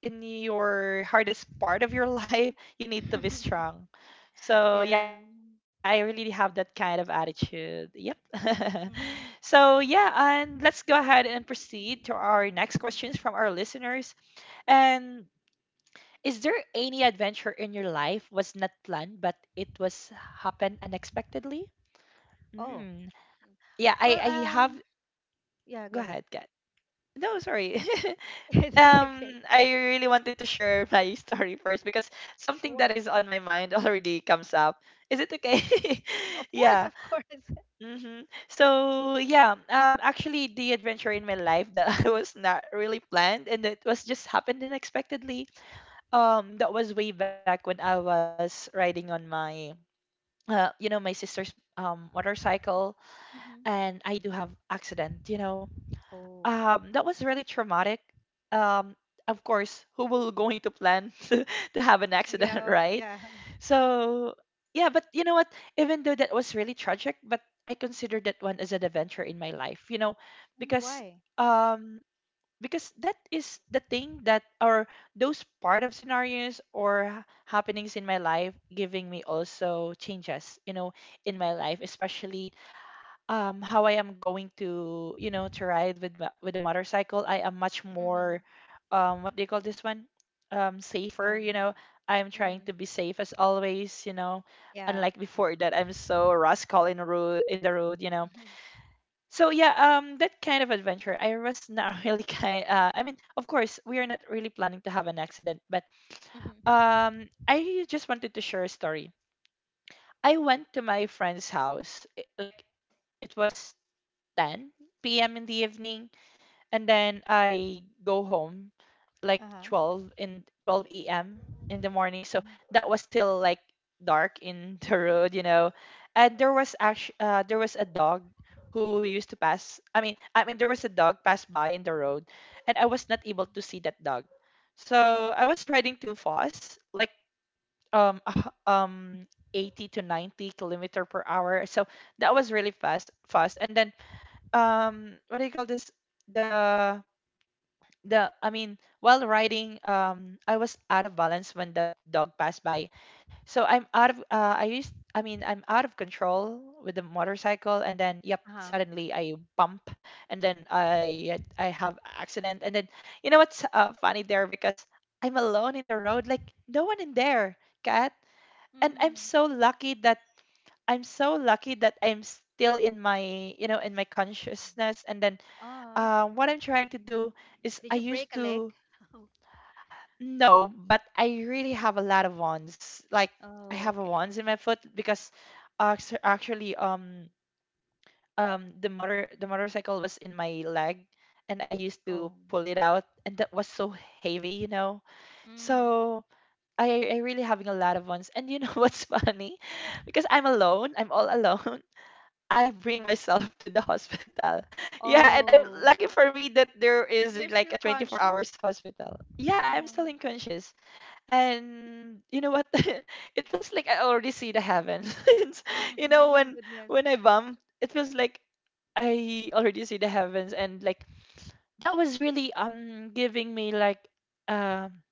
Speaker 1: in your hardest part of your life, you need to be strong. So yeah, I
Speaker 2: Yeah.
Speaker 1: really have that kind of attitude. Yep.
Speaker 2: Wow.
Speaker 1: So
Speaker 2: Mhm.
Speaker 1: yeah, and let's go ahead and proceed to our next questions from our listeners. And is there any adventure in your life was not planned but it was happened unexpectedly?
Speaker 2: Oh.
Speaker 1: Mm.
Speaker 2: Mm.
Speaker 1: Yeah, I
Speaker 2: Well,
Speaker 1: I have—
Speaker 2: um, yeah, go
Speaker 1: go
Speaker 2: ahead.
Speaker 1: ahead, Kat. No, sorry.
Speaker 2: It's okay.
Speaker 1: um I really wanted to share my story first, because something that
Speaker 2: Sure.
Speaker 1: is on my mind already comes up. Is it okay?
Speaker 2: Of course,
Speaker 1: Yeah.
Speaker 2: of course.
Speaker 1: Mm-hmm. So yeah, um actually the adventure in my life that I was not really planned and it was just happened unexpectedly. Um that was way back when I was riding on my uh, you know, my sister's um, motorcycle,
Speaker 2: Hmm.
Speaker 1: and I do have accident. You know,
Speaker 2: Oh.
Speaker 1: um, that was really traumatic. Um, of course, who will going to plan to, to have an accident,
Speaker 2: Yeah, of,
Speaker 1: right?
Speaker 2: yeah.
Speaker 1: So yeah, but you know what? Even though that was really tragic, but I consider that one as an adventure in my life. You know,
Speaker 2: Mm,
Speaker 1: because
Speaker 2: why?
Speaker 1: um, because that is the thing that, or those part of scenarios or happenings in my life, giving me also changes, you know, in my life. Especially um how I am going to, you know, to ride with my- with a motorcycle, I am much more
Speaker 2: Mm-hmm.
Speaker 1: um what do you call this one, um safer, you know.
Speaker 2: Um,
Speaker 1: I'm trying to
Speaker 2: mm,
Speaker 1: be safe as always, you know,
Speaker 2: yeah.
Speaker 1: unlike before that I'm so rascal in the road, in the road you know.
Speaker 2: Mm-hmm.
Speaker 1: So yeah, um, that kind of adventure, I was not really kind. Uh, I mean, of course, we are not really planning to have an accident, but um, I just wanted to share a story. I went to my friend's house. i- Like it was ten p m in the evening, and then I go home like
Speaker 2: Uh-huh.
Speaker 1: 12 in twelve a m in the morning. So
Speaker 2: Mm-hmm.
Speaker 1: that was still like dark in the road, you know. And there was actually uh, there was a dog who used to pass. I mean, I mean there was a dog pass by in the road, and I was not able to see that dog. So I was riding too fast, like um uh, um eighty to ninety kilometer per hour. So that was really fast fast. And then um what do you call this? The the I mean, while riding, um, I was out of balance when the dog passed by. So I'm out of uh, I used I mean, I'm out of control with the motorcycle, and then yep,
Speaker 2: Uh-huh.
Speaker 1: suddenly I bump, and then I I have accident. And then you know what's uh, funny there? Because I'm alone in the road, like no one in there, cat. And I'm
Speaker 2: Mhm.
Speaker 1: so lucky that I'm so lucky that I'm still in my, you know, in my
Speaker 2: Mm.
Speaker 1: consciousness. And then
Speaker 2: Ah,
Speaker 1: uh, what I'm trying to do is
Speaker 2: did
Speaker 1: I
Speaker 2: you
Speaker 1: used
Speaker 2: break a leg?
Speaker 1: to— no, but I really have a lot of wands. Like I
Speaker 2: Oh,
Speaker 1: have a
Speaker 2: okay.
Speaker 1: wands in my foot, because act- actually um um the motor the motorcycle was in my leg, and I used to
Speaker 2: Oh.
Speaker 1: pull it out, and that was so heavy, you know.
Speaker 2: Mm.
Speaker 1: So I I really having a lot of wands. And you know what's funny? Because I'm alone, I'm all alone. I bring myself to the hospital. Yeah, and I'm
Speaker 2: Oh,
Speaker 1: lucky for me that there is
Speaker 2: you're
Speaker 1: like
Speaker 2: still
Speaker 1: a twenty-four
Speaker 2: conscious?
Speaker 1: hours hospital. Yeah,
Speaker 2: Oh.
Speaker 1: I'm still unconscious. And you know what, it feels like I already see the heavens. It's— you
Speaker 2: Mhm.
Speaker 1: know,
Speaker 2: My
Speaker 1: when
Speaker 2: goodness.
Speaker 1: when I bump, it feels like I already see the heavens. And like that was really um giving me like um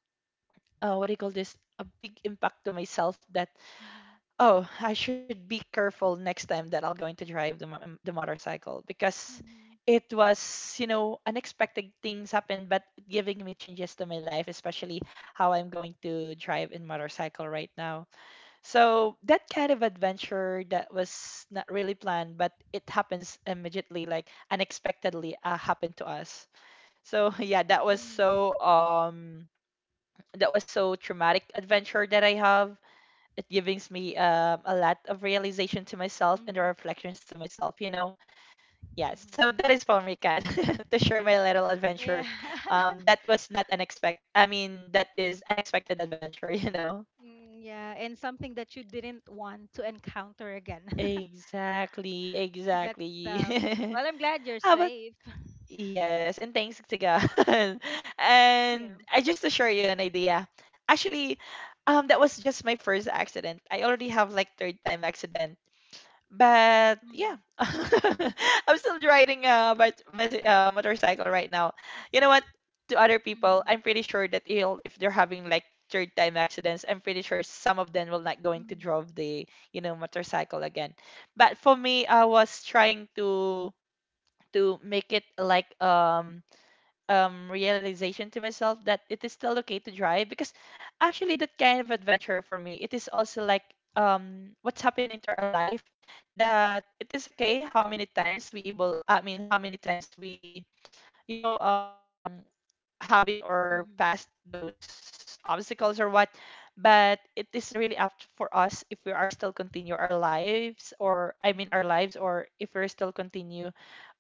Speaker 1: uh, what do you call this, a big impact to myself. That
Speaker 2: Mhm.
Speaker 1: oh, I should be careful next time that I'll going to drive the mo- um, the motorcycle. Because
Speaker 2: Mhm.
Speaker 1: it was, you know, unexpected things happened, but giving me changes to my life, especially how I'm going to drive in motorcycle right now. So that kind of adventure that was not really planned, but it happens immediately, like unexpectedly, uh, happened to us. So yeah, that was
Speaker 2: Mhm.
Speaker 1: so um that was so traumatic adventure that I have. It gives me um, a lot of realization to myself and
Speaker 2: Mhm.
Speaker 1: the reflections to myself, you know.
Speaker 2: Mhm.
Speaker 1: Yes, so that is for me, Kat, to share my little
Speaker 2: Yeah.
Speaker 1: adventure. Um that was not unexpected, I mean, that is unexpected adventure. You know,
Speaker 2: Mm, yeah, and something that you didn't want to encounter again.
Speaker 1: exactly,
Speaker 2: That's
Speaker 1: exactly.
Speaker 2: tough. Well, I'm glad you're
Speaker 1: How about—
Speaker 2: safe.
Speaker 1: yes, and thanks to god.
Speaker 2: Yeah.
Speaker 1: And I just to share you an idea. Actually, um that was just my first accident. I already have like third time accident. But yeah,
Speaker 2: Mhm.
Speaker 1: I'm still riding a bike, bicy- uh, motorcycle right now. You know what? To other people,
Speaker 2: Mhm.
Speaker 1: I'm pretty sure that he'll, if they're having like third time accidents, I'm pretty sure some of them will not going to
Speaker 2: Mhm.
Speaker 1: drive the, you know, motorcycle again. But for me, I was trying to to make it like um um realization to myself that it is still okay to drive, because actually, that kind of
Speaker 2: Mhm.
Speaker 1: adventure for me, it is also like, um what's happening to our life, that it is okay how many times we able. I mean, how many times we, you know um having or
Speaker 2: Mhm.
Speaker 1: past those obstacles or what. But it is really up for us if we are still continue our lives, or I mean, our
Speaker 2: Mhm.
Speaker 1: lives, or if we're still continue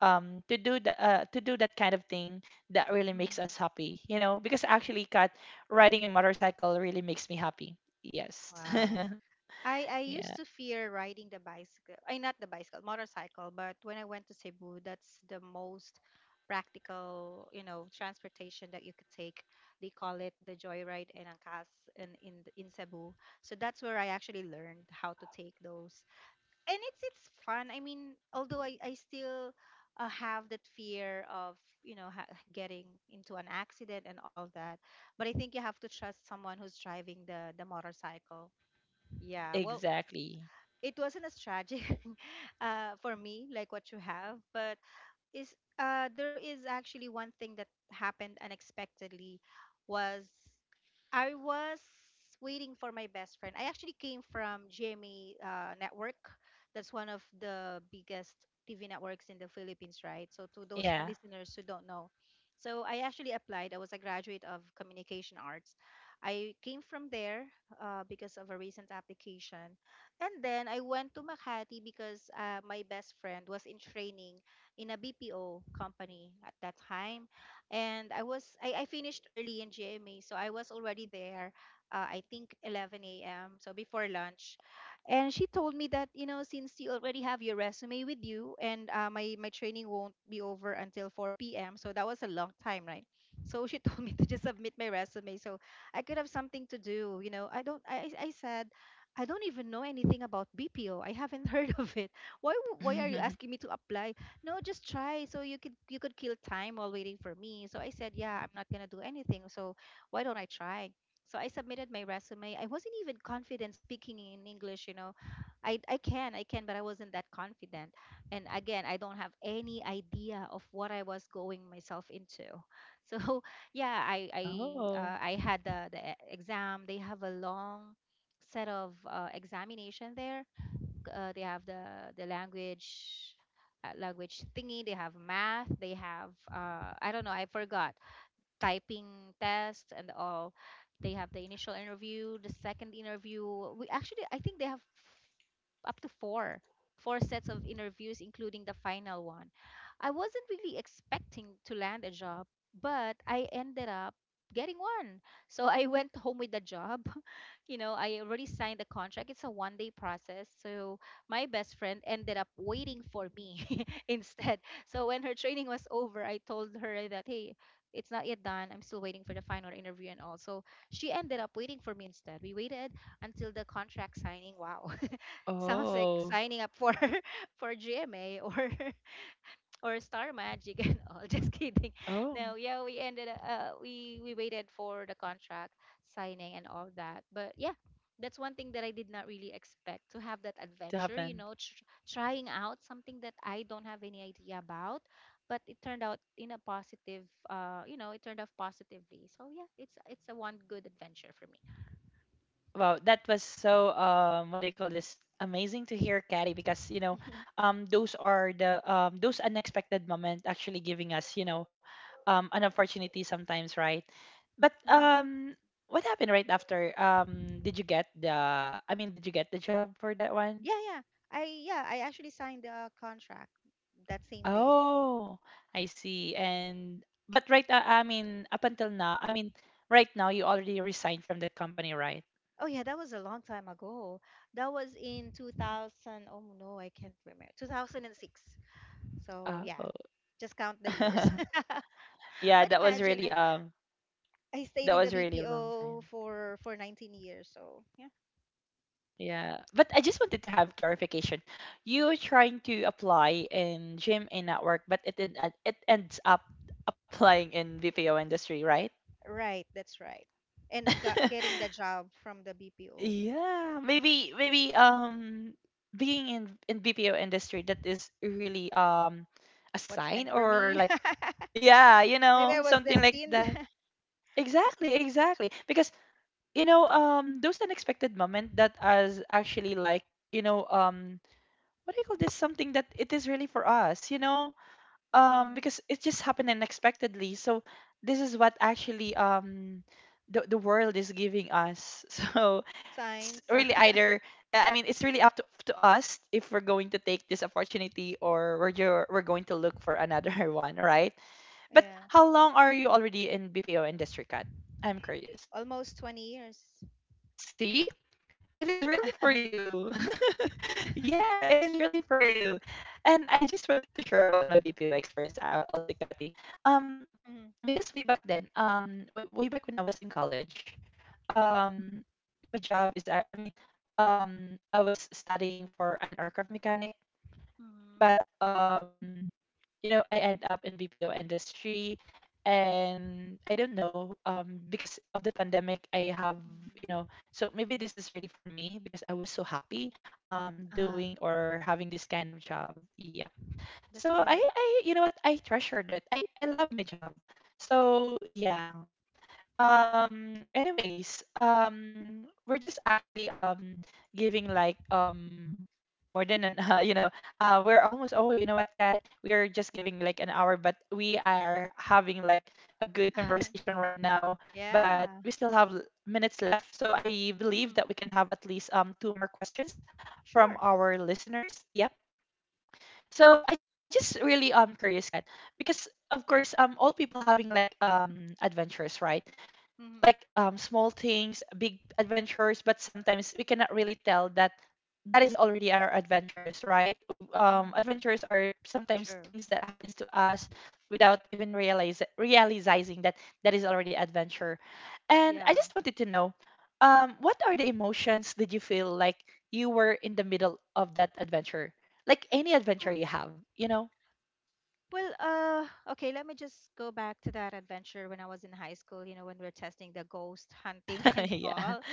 Speaker 1: um to do the uh, to do that kind of thing that really makes
Speaker 2: Mhm.
Speaker 1: us happy, you know, because actually, Cat, riding a motorcycle really makes me happy. Yes.
Speaker 2: Wow. I I used
Speaker 1: Yeah,
Speaker 2: to fear riding the bicycle. I not the bicycle, motorcycle, but when I went to Cebu, that's the most practical, you know, transportation that you could take. They call it the joyride and angkas in in the- in Cebu. So that's where I actually learned how to take those. And it's it's fun. I mean, although I I still uh, have that fear of, you know, ha- getting into an accident and all that, but I think you have to trust someone who's driving the the motorcycle. Yeah, well,
Speaker 1: exactly.
Speaker 2: it wasn't as tragic uh, for me like what you have, but is uh there is actually one thing that happened unexpectedly was, I was waiting for my best friend. I actually came from G M A uh, network. That's one of the biggest T V networks in the Philippines, right? So to those
Speaker 1: Yeah.
Speaker 2: listeners who don't know, so I actually applied. I was a graduate of communication arts. I came from there uh, because of a recent application, and then I went to Makati because uh, my best friend was in training in a B P O company at that time. And I was I, I finished early in G M A, so I was already there. Uh, I think eleven a m, so before lunch. And she told me that, you know, since you already have your resume with you, and uh, my my training won't be over until four p m. So that was a long time, right? So she told me to just submit my resume so I could have something to do. You know, I don't. I I I said I don't even know anything about B P O. I haven't heard of it. Why w- why are you asking me to apply? No, just try so you could you could kill time while waiting for me. So I said, yeah, I'm not going to do anything, so why don't I try? So I submitted my resume. I wasn't even confident speaking in English, you know. I i can i can but I wasn't that confident. And again, I don't have any idea of what I was going myself into. So yeah, i i
Speaker 1: Oh.
Speaker 2: uh, I had the the e- exam. They have a long set of uh, examination there. Uh, they have the the language, uh, language thingy. They have math. They have uh, I don't know, I forgot. Typing test and all. They have the initial interview, the second interview. We actually, I think they have up to four, four sets of interviews including the final one. I wasn't really expecting to land a job, but I ended up getting one. So I went home with the job. You know, I already signed the contract. It's a one day process. So my best friend ended up waiting for me instead. So when her training was over, I told her that, hey, it's not yet done. I'm still waiting for the final interview and all. So she ended up waiting for me instead. We waited until the contract signing. Wow. Sounds like
Speaker 1: Oh.
Speaker 2: signing up for for G M A or or Star Magic and all. Just kidding.
Speaker 1: Oh.
Speaker 2: No, yeah, we ended up- uh we we waited for the contract signing and all that. But yeah, that's one thing that I did not really expect to have, that
Speaker 1: To
Speaker 2: adventure. You
Speaker 1: happen.
Speaker 2: know, tr- trying out something that I don't have any idea about, but it turned out in a positive, uh you know, it turned out positively. So yeah, it's it's a one good adventure for me.
Speaker 1: Wow, that was so, um what do you call this? Amazing to hear, Caddy, because you know, um those are the um those unexpected moment actually giving us, you know, um an opportunity sometimes, right? But
Speaker 2: Hmm.
Speaker 1: um what happened right after? Um did you get the I mean, did you get the job for that one?
Speaker 2: Yeah, yeah. I yeah, I actually signed the contract that same day.
Speaker 1: Oh, I see. And but right, uh, I mean, up until now, I mean, right now you already resigned from that company, right?
Speaker 2: Oh yeah, that was a long time ago. That was in two thousand. Oh no, I can't remember. two thousand six. So yeah,
Speaker 1: Oh.
Speaker 2: just count the years.
Speaker 1: Yeah,
Speaker 2: But
Speaker 1: that was
Speaker 2: imagine,
Speaker 1: really
Speaker 2: uh,
Speaker 1: um
Speaker 2: I stayed
Speaker 1: That
Speaker 2: in the
Speaker 1: was really a long
Speaker 2: B P O
Speaker 1: time.
Speaker 2: for for nineteen years. So yeah,
Speaker 1: Yeah. But I just wanted to have clarification. You trying to apply in gym and at work, but it en- uh, it ends up applying in B P O industry, right?
Speaker 2: right, that's right. And got, getting the job from the B P O,
Speaker 1: Yeah. Maybe maybe um being in in B P O industry, that is really, um a
Speaker 2: what's
Speaker 1: sign,
Speaker 2: meant for
Speaker 1: or
Speaker 2: me?
Speaker 1: like, yeah, you
Speaker 2: Maybe
Speaker 1: know,
Speaker 2: I was
Speaker 1: something like
Speaker 2: destined.
Speaker 1: that. Exactly, exactly. Because you know, um those unexpected moment that is actually like, you know, um what do you call this, something that it is really for us, you know, um
Speaker 2: Mm,
Speaker 1: because it just happened unexpectedly, so this is what actually, um the, the world is giving us, so it's
Speaker 2: signs.
Speaker 1: really either, I mean, it's really up to, to us if we're going to take this opportunity, or we're ju- we're going to look for another one, right? But
Speaker 2: Yeah,
Speaker 1: how long are you already in BPO industry, Kat? I'm curious.
Speaker 2: almost twenty years.
Speaker 1: See, it is really for you. Yeah, it is really for you. And I just wanted to share about my B P O experience, al- also, Kathy. Um,
Speaker 2: Mm.
Speaker 1: because way back then, um, w- way back when I was in college, um, my job is, I I mean, um, I was studying for an aircraft mechanic,
Speaker 2: Mm-hmm.
Speaker 1: but um, you know, I end up in BPO industry, and I don't know, um because of the pandemic I have, you know, so maybe this is really for me, because I was so happy um
Speaker 2: Ah,
Speaker 1: doing or having this kind of job. Yep.
Speaker 2: that's
Speaker 1: So i
Speaker 2: good.
Speaker 1: i you know what, I treasured it. I i love my job, so yeah. Um anyways, um we're just actually, um giving like, um more than an uh, you know, uh we're almost, oh, you know what, Kat, we are just giving like an hour, but we are having like a good conversation right now. But
Speaker 2: Yeah.
Speaker 1: we still have l- minutes left, so I believe
Speaker 2: Mm.
Speaker 1: that we can have at least, um two more questions from
Speaker 2: Sure.
Speaker 1: our listeners. Yep. So I just really, um curious, Kat, because of course, um all people having like, um adventures, right?
Speaker 2: Mm-hmm.
Speaker 1: Like, um, small things, big adventures, but sometimes we cannot really tell that that is already our adventures, right? W- Um,
Speaker 2: Mm-hmm.
Speaker 1: adventures are sometimes
Speaker 2: True.
Speaker 1: things that happens to us without even realize realizing that that is already adventure. And
Speaker 2: Yeah.
Speaker 1: I just wanted to know, um, what are the emotions did you feel like you were in the middle of that adventure? Like any adventure you have, you know?
Speaker 2: Well, well, uh, okay, let me just go back to that adventure when I was in high school, you know, when we are testing the ghost hunting and all.
Speaker 1: Yeah.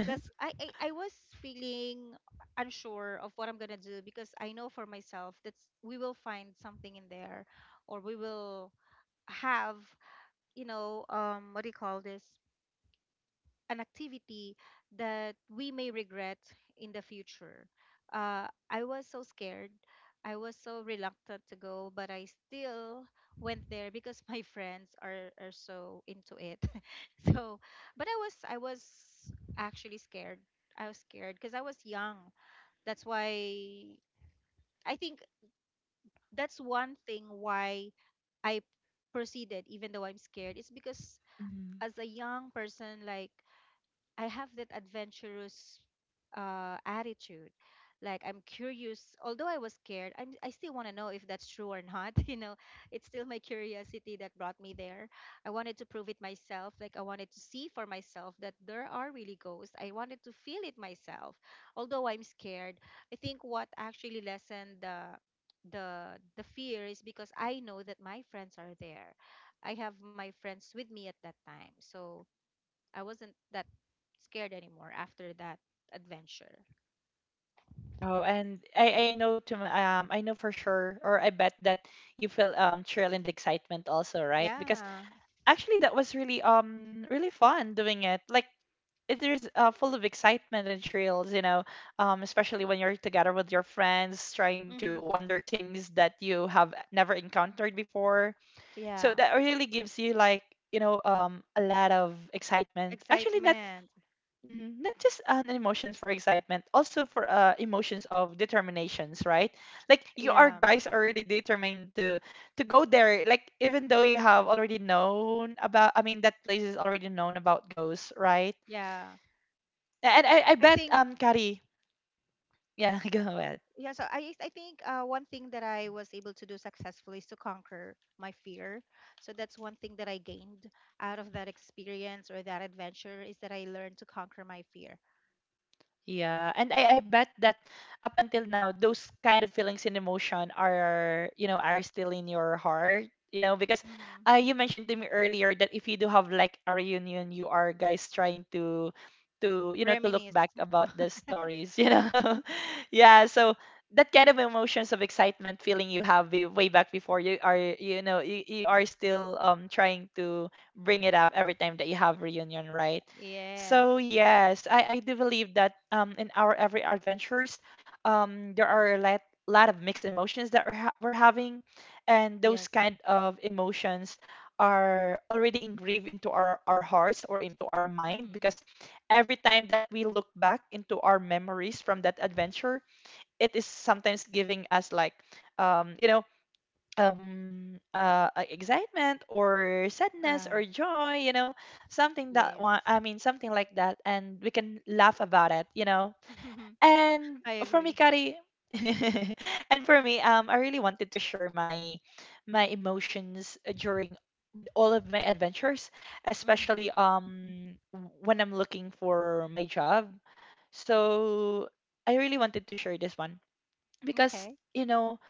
Speaker 2: I, I, I was feeling unsure of what I'm gonna do, because I know for myself that we will find something in there, or we will have, you know, um, what do you call this, an activity that we may regret in the future. Uh, I was so scared. I was so reluctant to go, but I still went there because my friends are, are so into it. So, but I was I was actually scared. I was scared because I was young. That's why I think that's one thing why I proceeded even though I'm scared. It's because
Speaker 1: Mhm.
Speaker 2: as a young person, like, I have that adventurous uh, attitude. Like, I'm curious. Although I was scared, I'm, I still want to know if that's true or not. You know, it's still my curiosity that brought me there. I wanted to prove it myself. Like, I wanted to see for myself that there are really ghosts. I wanted to feel it myself, although I'm scared. I think what actually lessened the the the fear is because I know that my friends are there. I have my friends with me at that time, so I wasn't that scared anymore after that adventure.
Speaker 1: Oh, and I, I know to my, um I know for sure, or I bet that you feel, um thrill and excitement also, right? Because
Speaker 2: Yeah.
Speaker 1: actually, that was really, um really fun doing it. Like, it is, uh, full of excitement and thrills, you know, um, especially when you're together with your friends, trying to
Speaker 2: Mm-hmm.
Speaker 1: wonder things that you have never encountered before. So
Speaker 2: Yeah.
Speaker 1: that really gives you, like, you know, um, a lot of excitement. Actually, not.
Speaker 2: Excitement.
Speaker 1: Mhm. Not just an emotions for excitement, also for, uh, emotions of determinations, right? Like, you are
Speaker 2: Yeah.
Speaker 1: guys are really determined to to go there. Like, even though you have already known about, I mean, that place is already known about ghosts, right?
Speaker 2: Yeah.
Speaker 1: A- And I, I
Speaker 2: I
Speaker 1: bet,
Speaker 2: think
Speaker 1: um Kari, yeah, go ahead.
Speaker 2: yeah, so I I think uh, one thing that I was able to do successfully is to conquer my fear. So that's one thing that I gained out of that experience or that adventure, is that I learned to conquer my fear.
Speaker 1: Yeah, and I, I bet that up until now, those kind of feelings and emotion are, you know, are still in your heart, you know, because,
Speaker 2: Mm-hmm.
Speaker 1: uh, you mentioned to me earlier that if you do have like a reunion, you are guys trying to, to, you know, to look
Speaker 2: Reminisce.
Speaker 1: back about the stories, you know. Yeah, so that kind of emotions of excitement feeling you have way way back before, you are, you know, you, you are still, um trying to bring it up every time that you have reunion, right?
Speaker 2: Yes.
Speaker 1: So yes, I, I do believe that, um, in our every adventures, um, there are a lot, lot of mixed emotions that we're, ha we're having, and
Speaker 2: Yes.
Speaker 1: those kind of emotions are already engraved into our, our hearts, or into our
Speaker 2: Mm-hmm.
Speaker 1: mind, because every time that we look back into our memories from that adventure, it is sometimes giving us, like, um, you know, um uh uh, excitement or
Speaker 2: All
Speaker 1: sadness or
Speaker 2: right.
Speaker 1: joy, you know, something that
Speaker 2: Yes.
Speaker 1: one I mean something like that, and we can laugh about it, you know. And
Speaker 2: I
Speaker 1: for me,
Speaker 2: agree.
Speaker 1: Kari, and for me, um I really wanted to share my my emotions during, with all of my adventures,
Speaker 2: Mm-hmm.
Speaker 1: especially, um when I'm looking for my job, so I really wanted to share this one, because
Speaker 2: Okay.
Speaker 1: you know,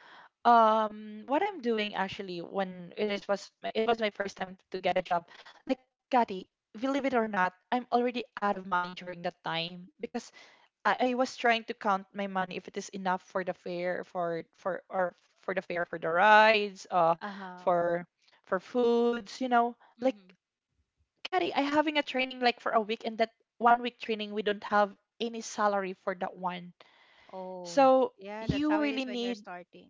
Speaker 1: um what I'm doing, actually, when it is was my- it was my first time to get a job, like, Kati, believe it or not, I'm already out of money during that time, because I, I was trying to count my money if it is enough for the fare for for or for the fare for the rides, uh
Speaker 2: Uh-huh.
Speaker 1: for for foods, you know. Like,
Speaker 2: Mm-hmm.
Speaker 1: Kati, I having a training like for a week, and that one week training we don't have any salary for that one.
Speaker 2: Oh,
Speaker 1: So
Speaker 2: yeah, that's
Speaker 1: you
Speaker 2: how it is
Speaker 1: really
Speaker 2: when you're
Speaker 1: need,
Speaker 2: starting.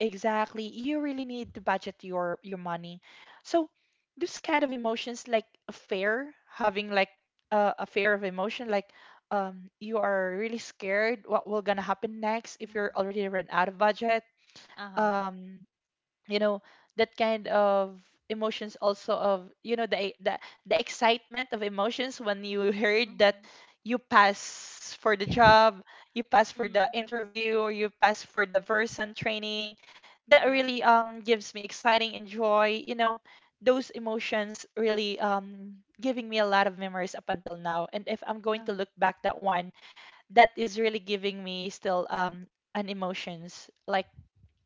Speaker 1: exactly, you really need to budget your your money. So this kind of emotions, like a fear, having like, uh, a fear of emotion, like, um you are really scared what will gonna happen next if you're
Speaker 2: Mm-hmm.
Speaker 1: already run out of budget.
Speaker 2: Uh-huh.
Speaker 1: Um you know, that kind of emotions also, of you know the the, the excitement of emotions when you heard that
Speaker 2: Mm-hmm.
Speaker 1: you pass for the job, you pass for
Speaker 2: Mm,
Speaker 1: the interview, or you pass for the person training, that
Speaker 2: yeah.
Speaker 1: really, um gives me exciting and joy, you know. Those emotions really, um giving me a lot of memories up until now, and if I'm going to
Speaker 2: Uh-huh.
Speaker 1: look back that one, that is really giving me still, um an emotions like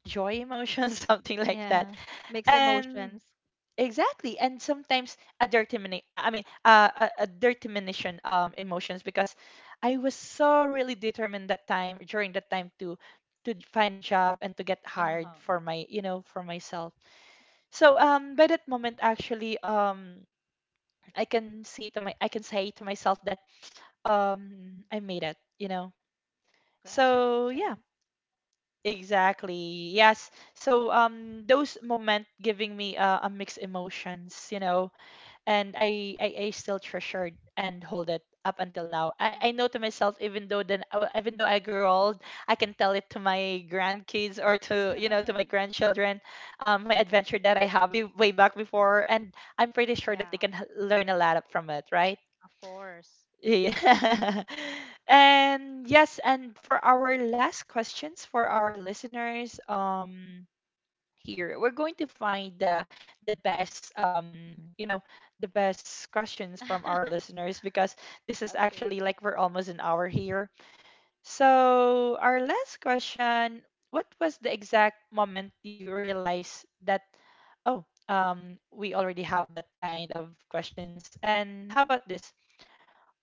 Speaker 1: joy emotion, something like that.
Speaker 2: Yeah. Mixed
Speaker 1: And
Speaker 2: emotions.
Speaker 1: exactly, and sometimes a dirty mini- I mean uh, a, a dirty minition, um emotions, because I was so really determined that time, during that time, to to find a job, and to get hired
Speaker 2: Uh-huh.
Speaker 1: for my, you know, for myself. So, um by that moment actually, um i can see to my I can say to myself that, um
Speaker 2: Mm.
Speaker 1: I made it, you know. So yeah,
Speaker 2: Congratulations.
Speaker 1: exactly. Yes. So, um those moment giving me, uh, a mixed emotions, you know. And I, I I still treasure it and hold it up until now. I, I
Speaker 2: Mm.
Speaker 1: know to myself, even though then uh, even though I grow old, I can tell it to my grandkids, or to, you know, to my grandchildren, um, my adventure that I have way way back before, and I'm pretty sure
Speaker 2: Yeah,
Speaker 1: that they can h- learn a lot up from it, right?
Speaker 2: of course.
Speaker 1: Yeah. And yes, and for our last questions for our listeners, um, here, we're going to find the the best, um you know, the best questions from our listeners, because this is actually
Speaker 2: Okay.
Speaker 1: like we're almost an hour here. So our last question, what was the exact moment you realized that, oh, um we already have that kind of questions? And how about this?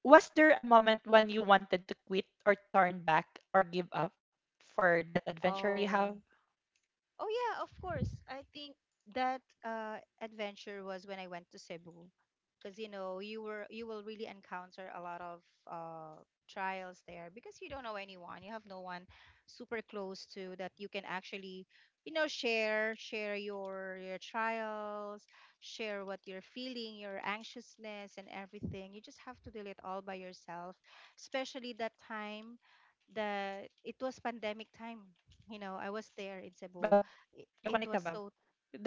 Speaker 1: Was there a moment when you wanted to quit or turn back or give up for that adventure you have,
Speaker 2: Oh. Oh yeah, of course. I think that uh, adventure was when I went to Cebu, because, you know, you were you will really encounter a lot of uh, trials there because you don't know anyone. You have no one super close to, that you can actually, you know, share share your your trials, share what you're feeling, your anxiousness and everything. You just have to deal it all by yourself, especially that time, that it was pandemic time. You know, I was there in Cebu,
Speaker 1: Bab?
Speaker 2: i- it
Speaker 1: Yakonek
Speaker 2: was
Speaker 1: ka,
Speaker 2: so—
Speaker 1: Bab?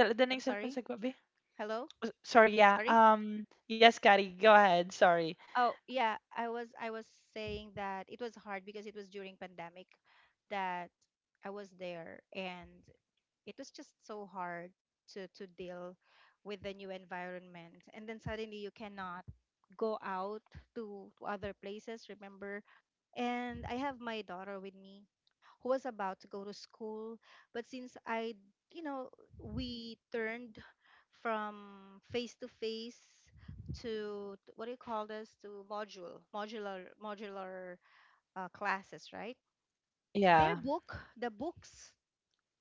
Speaker 1: Dal-
Speaker 2: I'm
Speaker 1: Dala yung
Speaker 2: sorry.
Speaker 1: cellphone sa gabi?
Speaker 2: Hello?
Speaker 1: Oh, sorry, yeah.
Speaker 2: Sorry?
Speaker 1: Um, yes, Kari, go ahead. Sorry.
Speaker 2: Oh yeah, I was I was saying that it was hard because it was during pandemic that I was there, and it was just so hard to to deal with the new environment, and then suddenly you cannot go out to, to other places, remember. And I have my daughter with me, who was about to go to school. But since I, you know, we turned from face to face to t- what do you call this to module modular modular uh, classes, right? Their
Speaker 1: Yeah.
Speaker 2: book, the books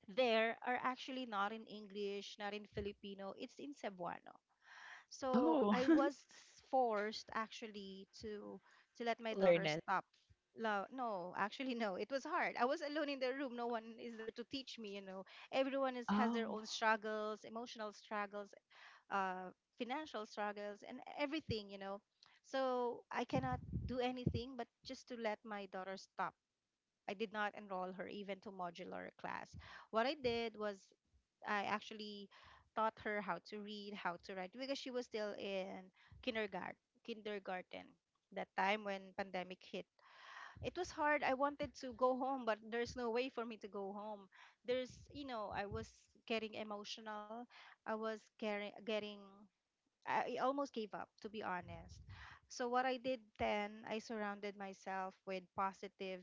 Speaker 2: there are actually not in English, not in Filipino, it's in Cebuano. So
Speaker 1: Oh,
Speaker 2: I was forced actually to to let my
Speaker 1: learn
Speaker 2: daughter
Speaker 1: it.
Speaker 2: stop. Lo- no, actually, no, it was hard. I was alone in the room. No one is there to teach me, you know. Everyone is has their
Speaker 1: Oh.
Speaker 2: own struggles, emotional struggles, uh financial struggles and everything, you know. So I cannot do anything but just to let my daughter stop. I did not enroll her even to modular class. What I did was I actually taught her how to read, how to write, because she was still in kindergarten, kindergarten that time when pandemic hit. It was hard. I wanted to go home, but there's no way for me to go home. There's, you know, I was getting emotional. I was getting getting I I almost gave up, to be honest. So what I did then, I surrounded myself with positive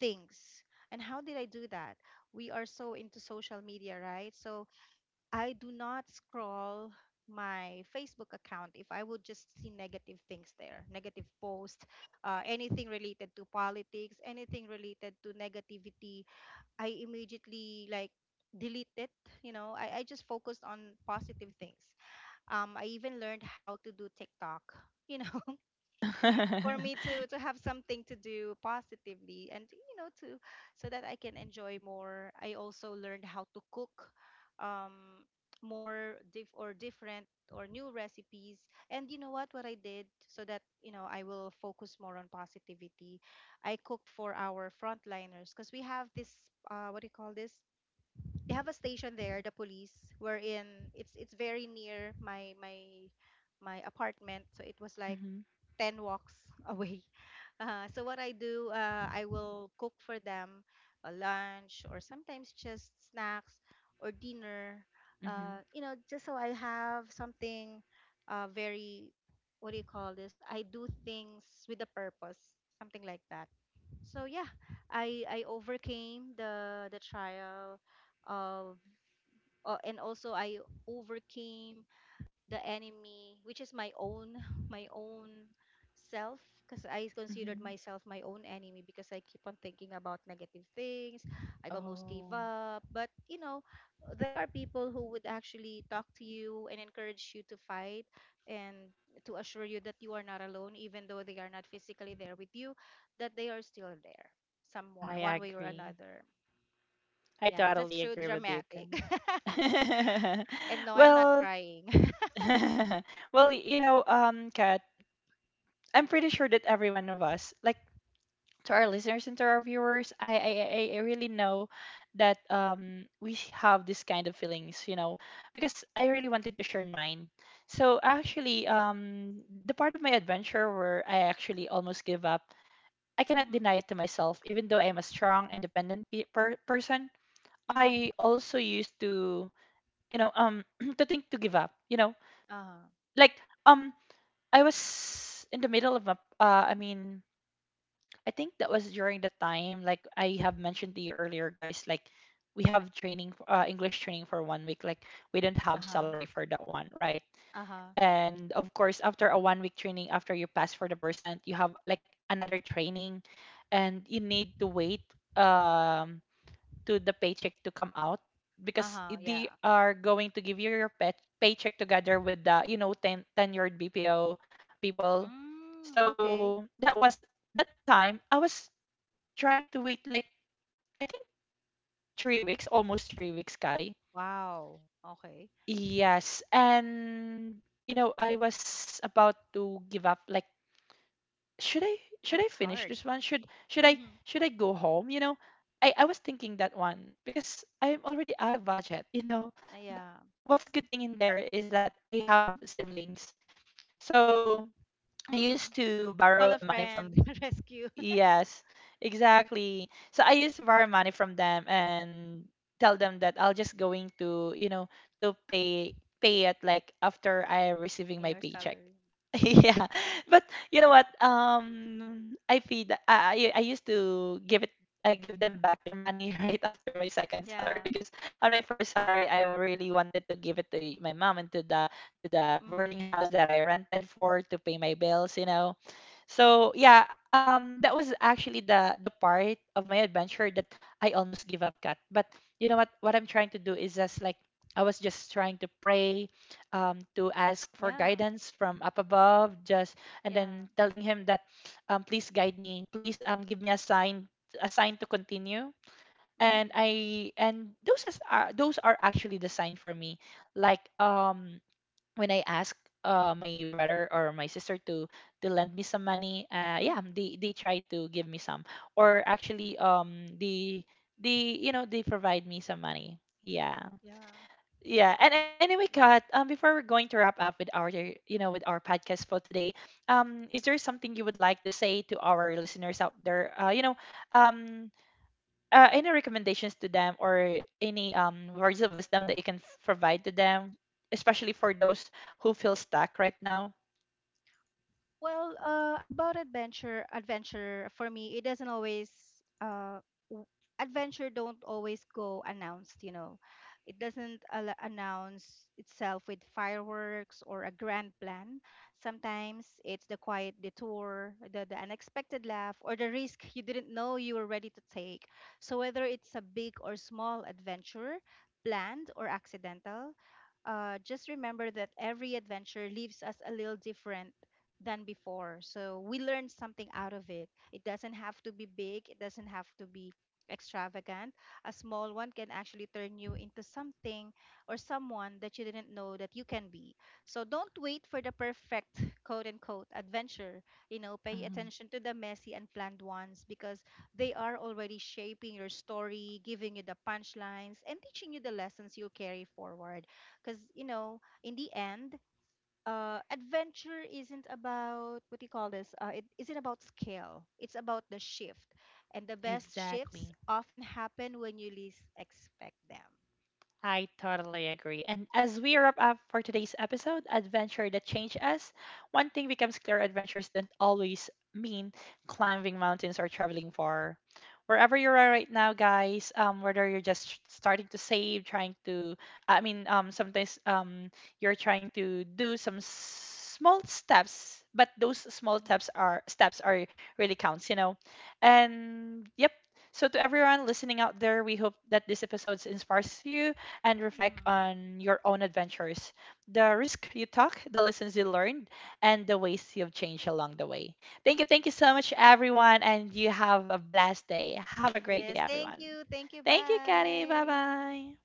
Speaker 2: things. And how did I do that? We are so into social media, right? So I do not scroll my Facebook account if I would just see negative things there, negative posts, uh, anything related to politics, anything related to negativity. I immediately like delete it. You know, I, I just focused on positive things. Um, I even learned how to do TikTok. You know, for me to to have something to do positively, and, you know, to, so that I can enjoy more. I also learned how to cook, um, more diff or different or new recipes. And you know what what I did, so that, you know, I will focus more on positivity. I cooked for our frontliners, because we have this, uh what do you call this, they have a station there, the police, wherein it's it's very near my my my apartment. So it was like
Speaker 1: Hmm.
Speaker 2: ten walks away. Uh, so what I do, uh, I will cook for them a lunch, or sometimes just snacks or dinner.
Speaker 1: Hmm.
Speaker 2: Uh, you know, just so I have something uh, very, what do you call this, I do things with a purpose, something like that. So yeah, I I overcame the the trial of, uh, and also I overcame the enemy, which is my own my own self, because I considered
Speaker 1: Hmm.
Speaker 2: myself my own enemy because I keep on thinking about negative things. I almost gave
Speaker 1: Oh,
Speaker 2: up, but, you know, there are people who would actually talk to you and encourage you to fight, and to assure you that you are not alone, even though they are not physically there with you, that they are still there, someone,
Speaker 1: I
Speaker 2: one way or
Speaker 1: agree.
Speaker 2: another.
Speaker 1: I
Speaker 2: Yeah, it's
Speaker 1: totally
Speaker 2: just so
Speaker 1: agree with you, Kat.
Speaker 2: dramatic. And no, I'm not
Speaker 1: Well,
Speaker 2: crying.
Speaker 1: well, y- you know, um, Kat, I'm pretty sure that every one of us, like, to our listeners and to our viewers, I I, I I really know that, um we have this kind of feelings, you know, because I really wanted to share mine. So actually, um, the part of my adventure where I actually almost give up, I cannot
Speaker 2: Mm-hmm.
Speaker 1: deny it to myself. Even though I am a strong, independent pe- per- person,
Speaker 2: Mm-hmm.
Speaker 1: I also used to, you know, um, to think to give up. You know,
Speaker 2: Uh-huh.
Speaker 1: like um, I was in the middle of a, uh, I mean, I think that was during the time, like I have mentioned to you earlier, guys, like we have training, uh, English training for one week. Like we didn't have
Speaker 2: Uh-huh,
Speaker 1: salary for that one, right?
Speaker 2: uh-huh,
Speaker 1: And of course, after a one week training, after you pass for the percent, you have like another training and you need to wait um, to the paycheck to come out because
Speaker 2: uh-huh, yeah.
Speaker 1: they are going to give you your pet paycheck together with the, you know, ten, tenured B P O people.
Speaker 2: Mm, okay.
Speaker 1: So that was that time I was trying to wait, like I think three weeks, almost three weeks, Kari.
Speaker 2: Wow. Okay.
Speaker 1: Yes, and you know I was about to give up. Like, should I should I
Speaker 2: That's
Speaker 1: finish
Speaker 2: hard.
Speaker 1: this one? Should should I should I go home? You know, I I was thinking that one because I'm already out of budget. You know, but
Speaker 2: Yeah.
Speaker 1: what's good thing in there is that I have siblings, so I used
Speaker 2: Mm-hmm.
Speaker 1: to
Speaker 2: Call
Speaker 1: borrow
Speaker 2: a
Speaker 1: uh, money
Speaker 2: friend,
Speaker 1: from them.
Speaker 2: rescue.
Speaker 1: Yes, exactly. So I used to borrow money from them and tell them that I'll just going to, you know, to pay pay it like after I receiving
Speaker 2: We
Speaker 1: my
Speaker 2: are
Speaker 1: paycheck.
Speaker 2: salary. Mm-hmm.
Speaker 1: Yeah. But you know what? Um I feed I I I used to give it I give them back their money right after my second salary,
Speaker 2: Yeah.
Speaker 1: because on my first salary I really wanted to give it to my mom and to the to the
Speaker 2: Mm-hmm.
Speaker 1: boarding house that I rented for to pay my bills, you know.
Speaker 2: Mm-hmm.
Speaker 1: So yeah, um, that was actually the the part of my adventure that I almost give up, Kat. But you know what? What I'm trying to do is just like I was just trying to pray, um, to ask for
Speaker 2: Yeah.
Speaker 1: guidance from up above, just and
Speaker 2: Yeah.
Speaker 1: then telling him that, um, please guide me, please um give me a sign, a sign to continue. And
Speaker 2: Mm-hmm.
Speaker 1: I and those is, are those are actually the sign for me, like um when I asked uh my brother or my sister to to lend me some money, uh yeah,
Speaker 2: Mm-hmm.
Speaker 1: they they try to give me some. Or actually um they they, you know, they provide me some money. Yeah.
Speaker 2: Yeah.
Speaker 1: Yeah. And anyway, Kat,
Speaker 2: That's—
Speaker 1: um before we're going to wrap up with our, you know, with our podcast for today, um is there something you would like to say to our listeners out there? Uh you know, um uh, any recommendations to them or any um, words of wisdom that you can f- provide to them, especially for those who feel stuck right now?
Speaker 2: Well, uh, about adventure, adventure for me, it doesn't always uh, w- adventure don't always go announced, you know. It doesn't al- announce itself with fireworks or a grand plan. Sometimes it's the quiet detour, the, the unexpected laugh, or the risk you didn't know you were ready to take. So whether it's a big or small adventure, planned or accidental, uh, just remember that every adventure leaves us a little different than before. So we learn something out of it. It doesn't have to be big, it doesn't have to be extravagant. A small one can actually turn you into something or someone that you didn't know that you can be. So don't wait for the perfect quote unquote adventure. You know, pay
Speaker 1: Mhm.
Speaker 2: attention to the messy and planned ones, because they are already shaping your story, giving you the punchlines, and teaching you the lessons you'll carry forward. Because, you know, in the end, uh adventure isn't about, what do you call this uh, it isn't about scale, it's about the shift. And the best shifts
Speaker 1: Exactly.
Speaker 2: often happen when you least expect them.
Speaker 1: I totally agree. And as we wrap up for today's episode, Adventure That Changed Us, one thing becomes clear: adventures don't always mean climbing mountains or traveling far. Wherever you are right now, guys, um, whether you're just s- starting to save, trying to, I mean, um, sometimes um, you're trying to do some small steps, but those small
Speaker 2: Mm-hmm.
Speaker 1: steps are steps are really counts, you know. And yep. So to everyone listening out there, we hope that this episode inspires you and reflect
Speaker 2: Mm-hmm.
Speaker 1: on your own adventures, the risk you took, the lessons you learned, and the ways you've changed along the way. Thank you. Thank you so much, everyone. And you have a blessed day. Have a great day,
Speaker 2: Yes, thank
Speaker 1: everyone.
Speaker 2: you, thank you,
Speaker 1: Thank you, Kelly. Bye
Speaker 2: bye.
Speaker 1: bye.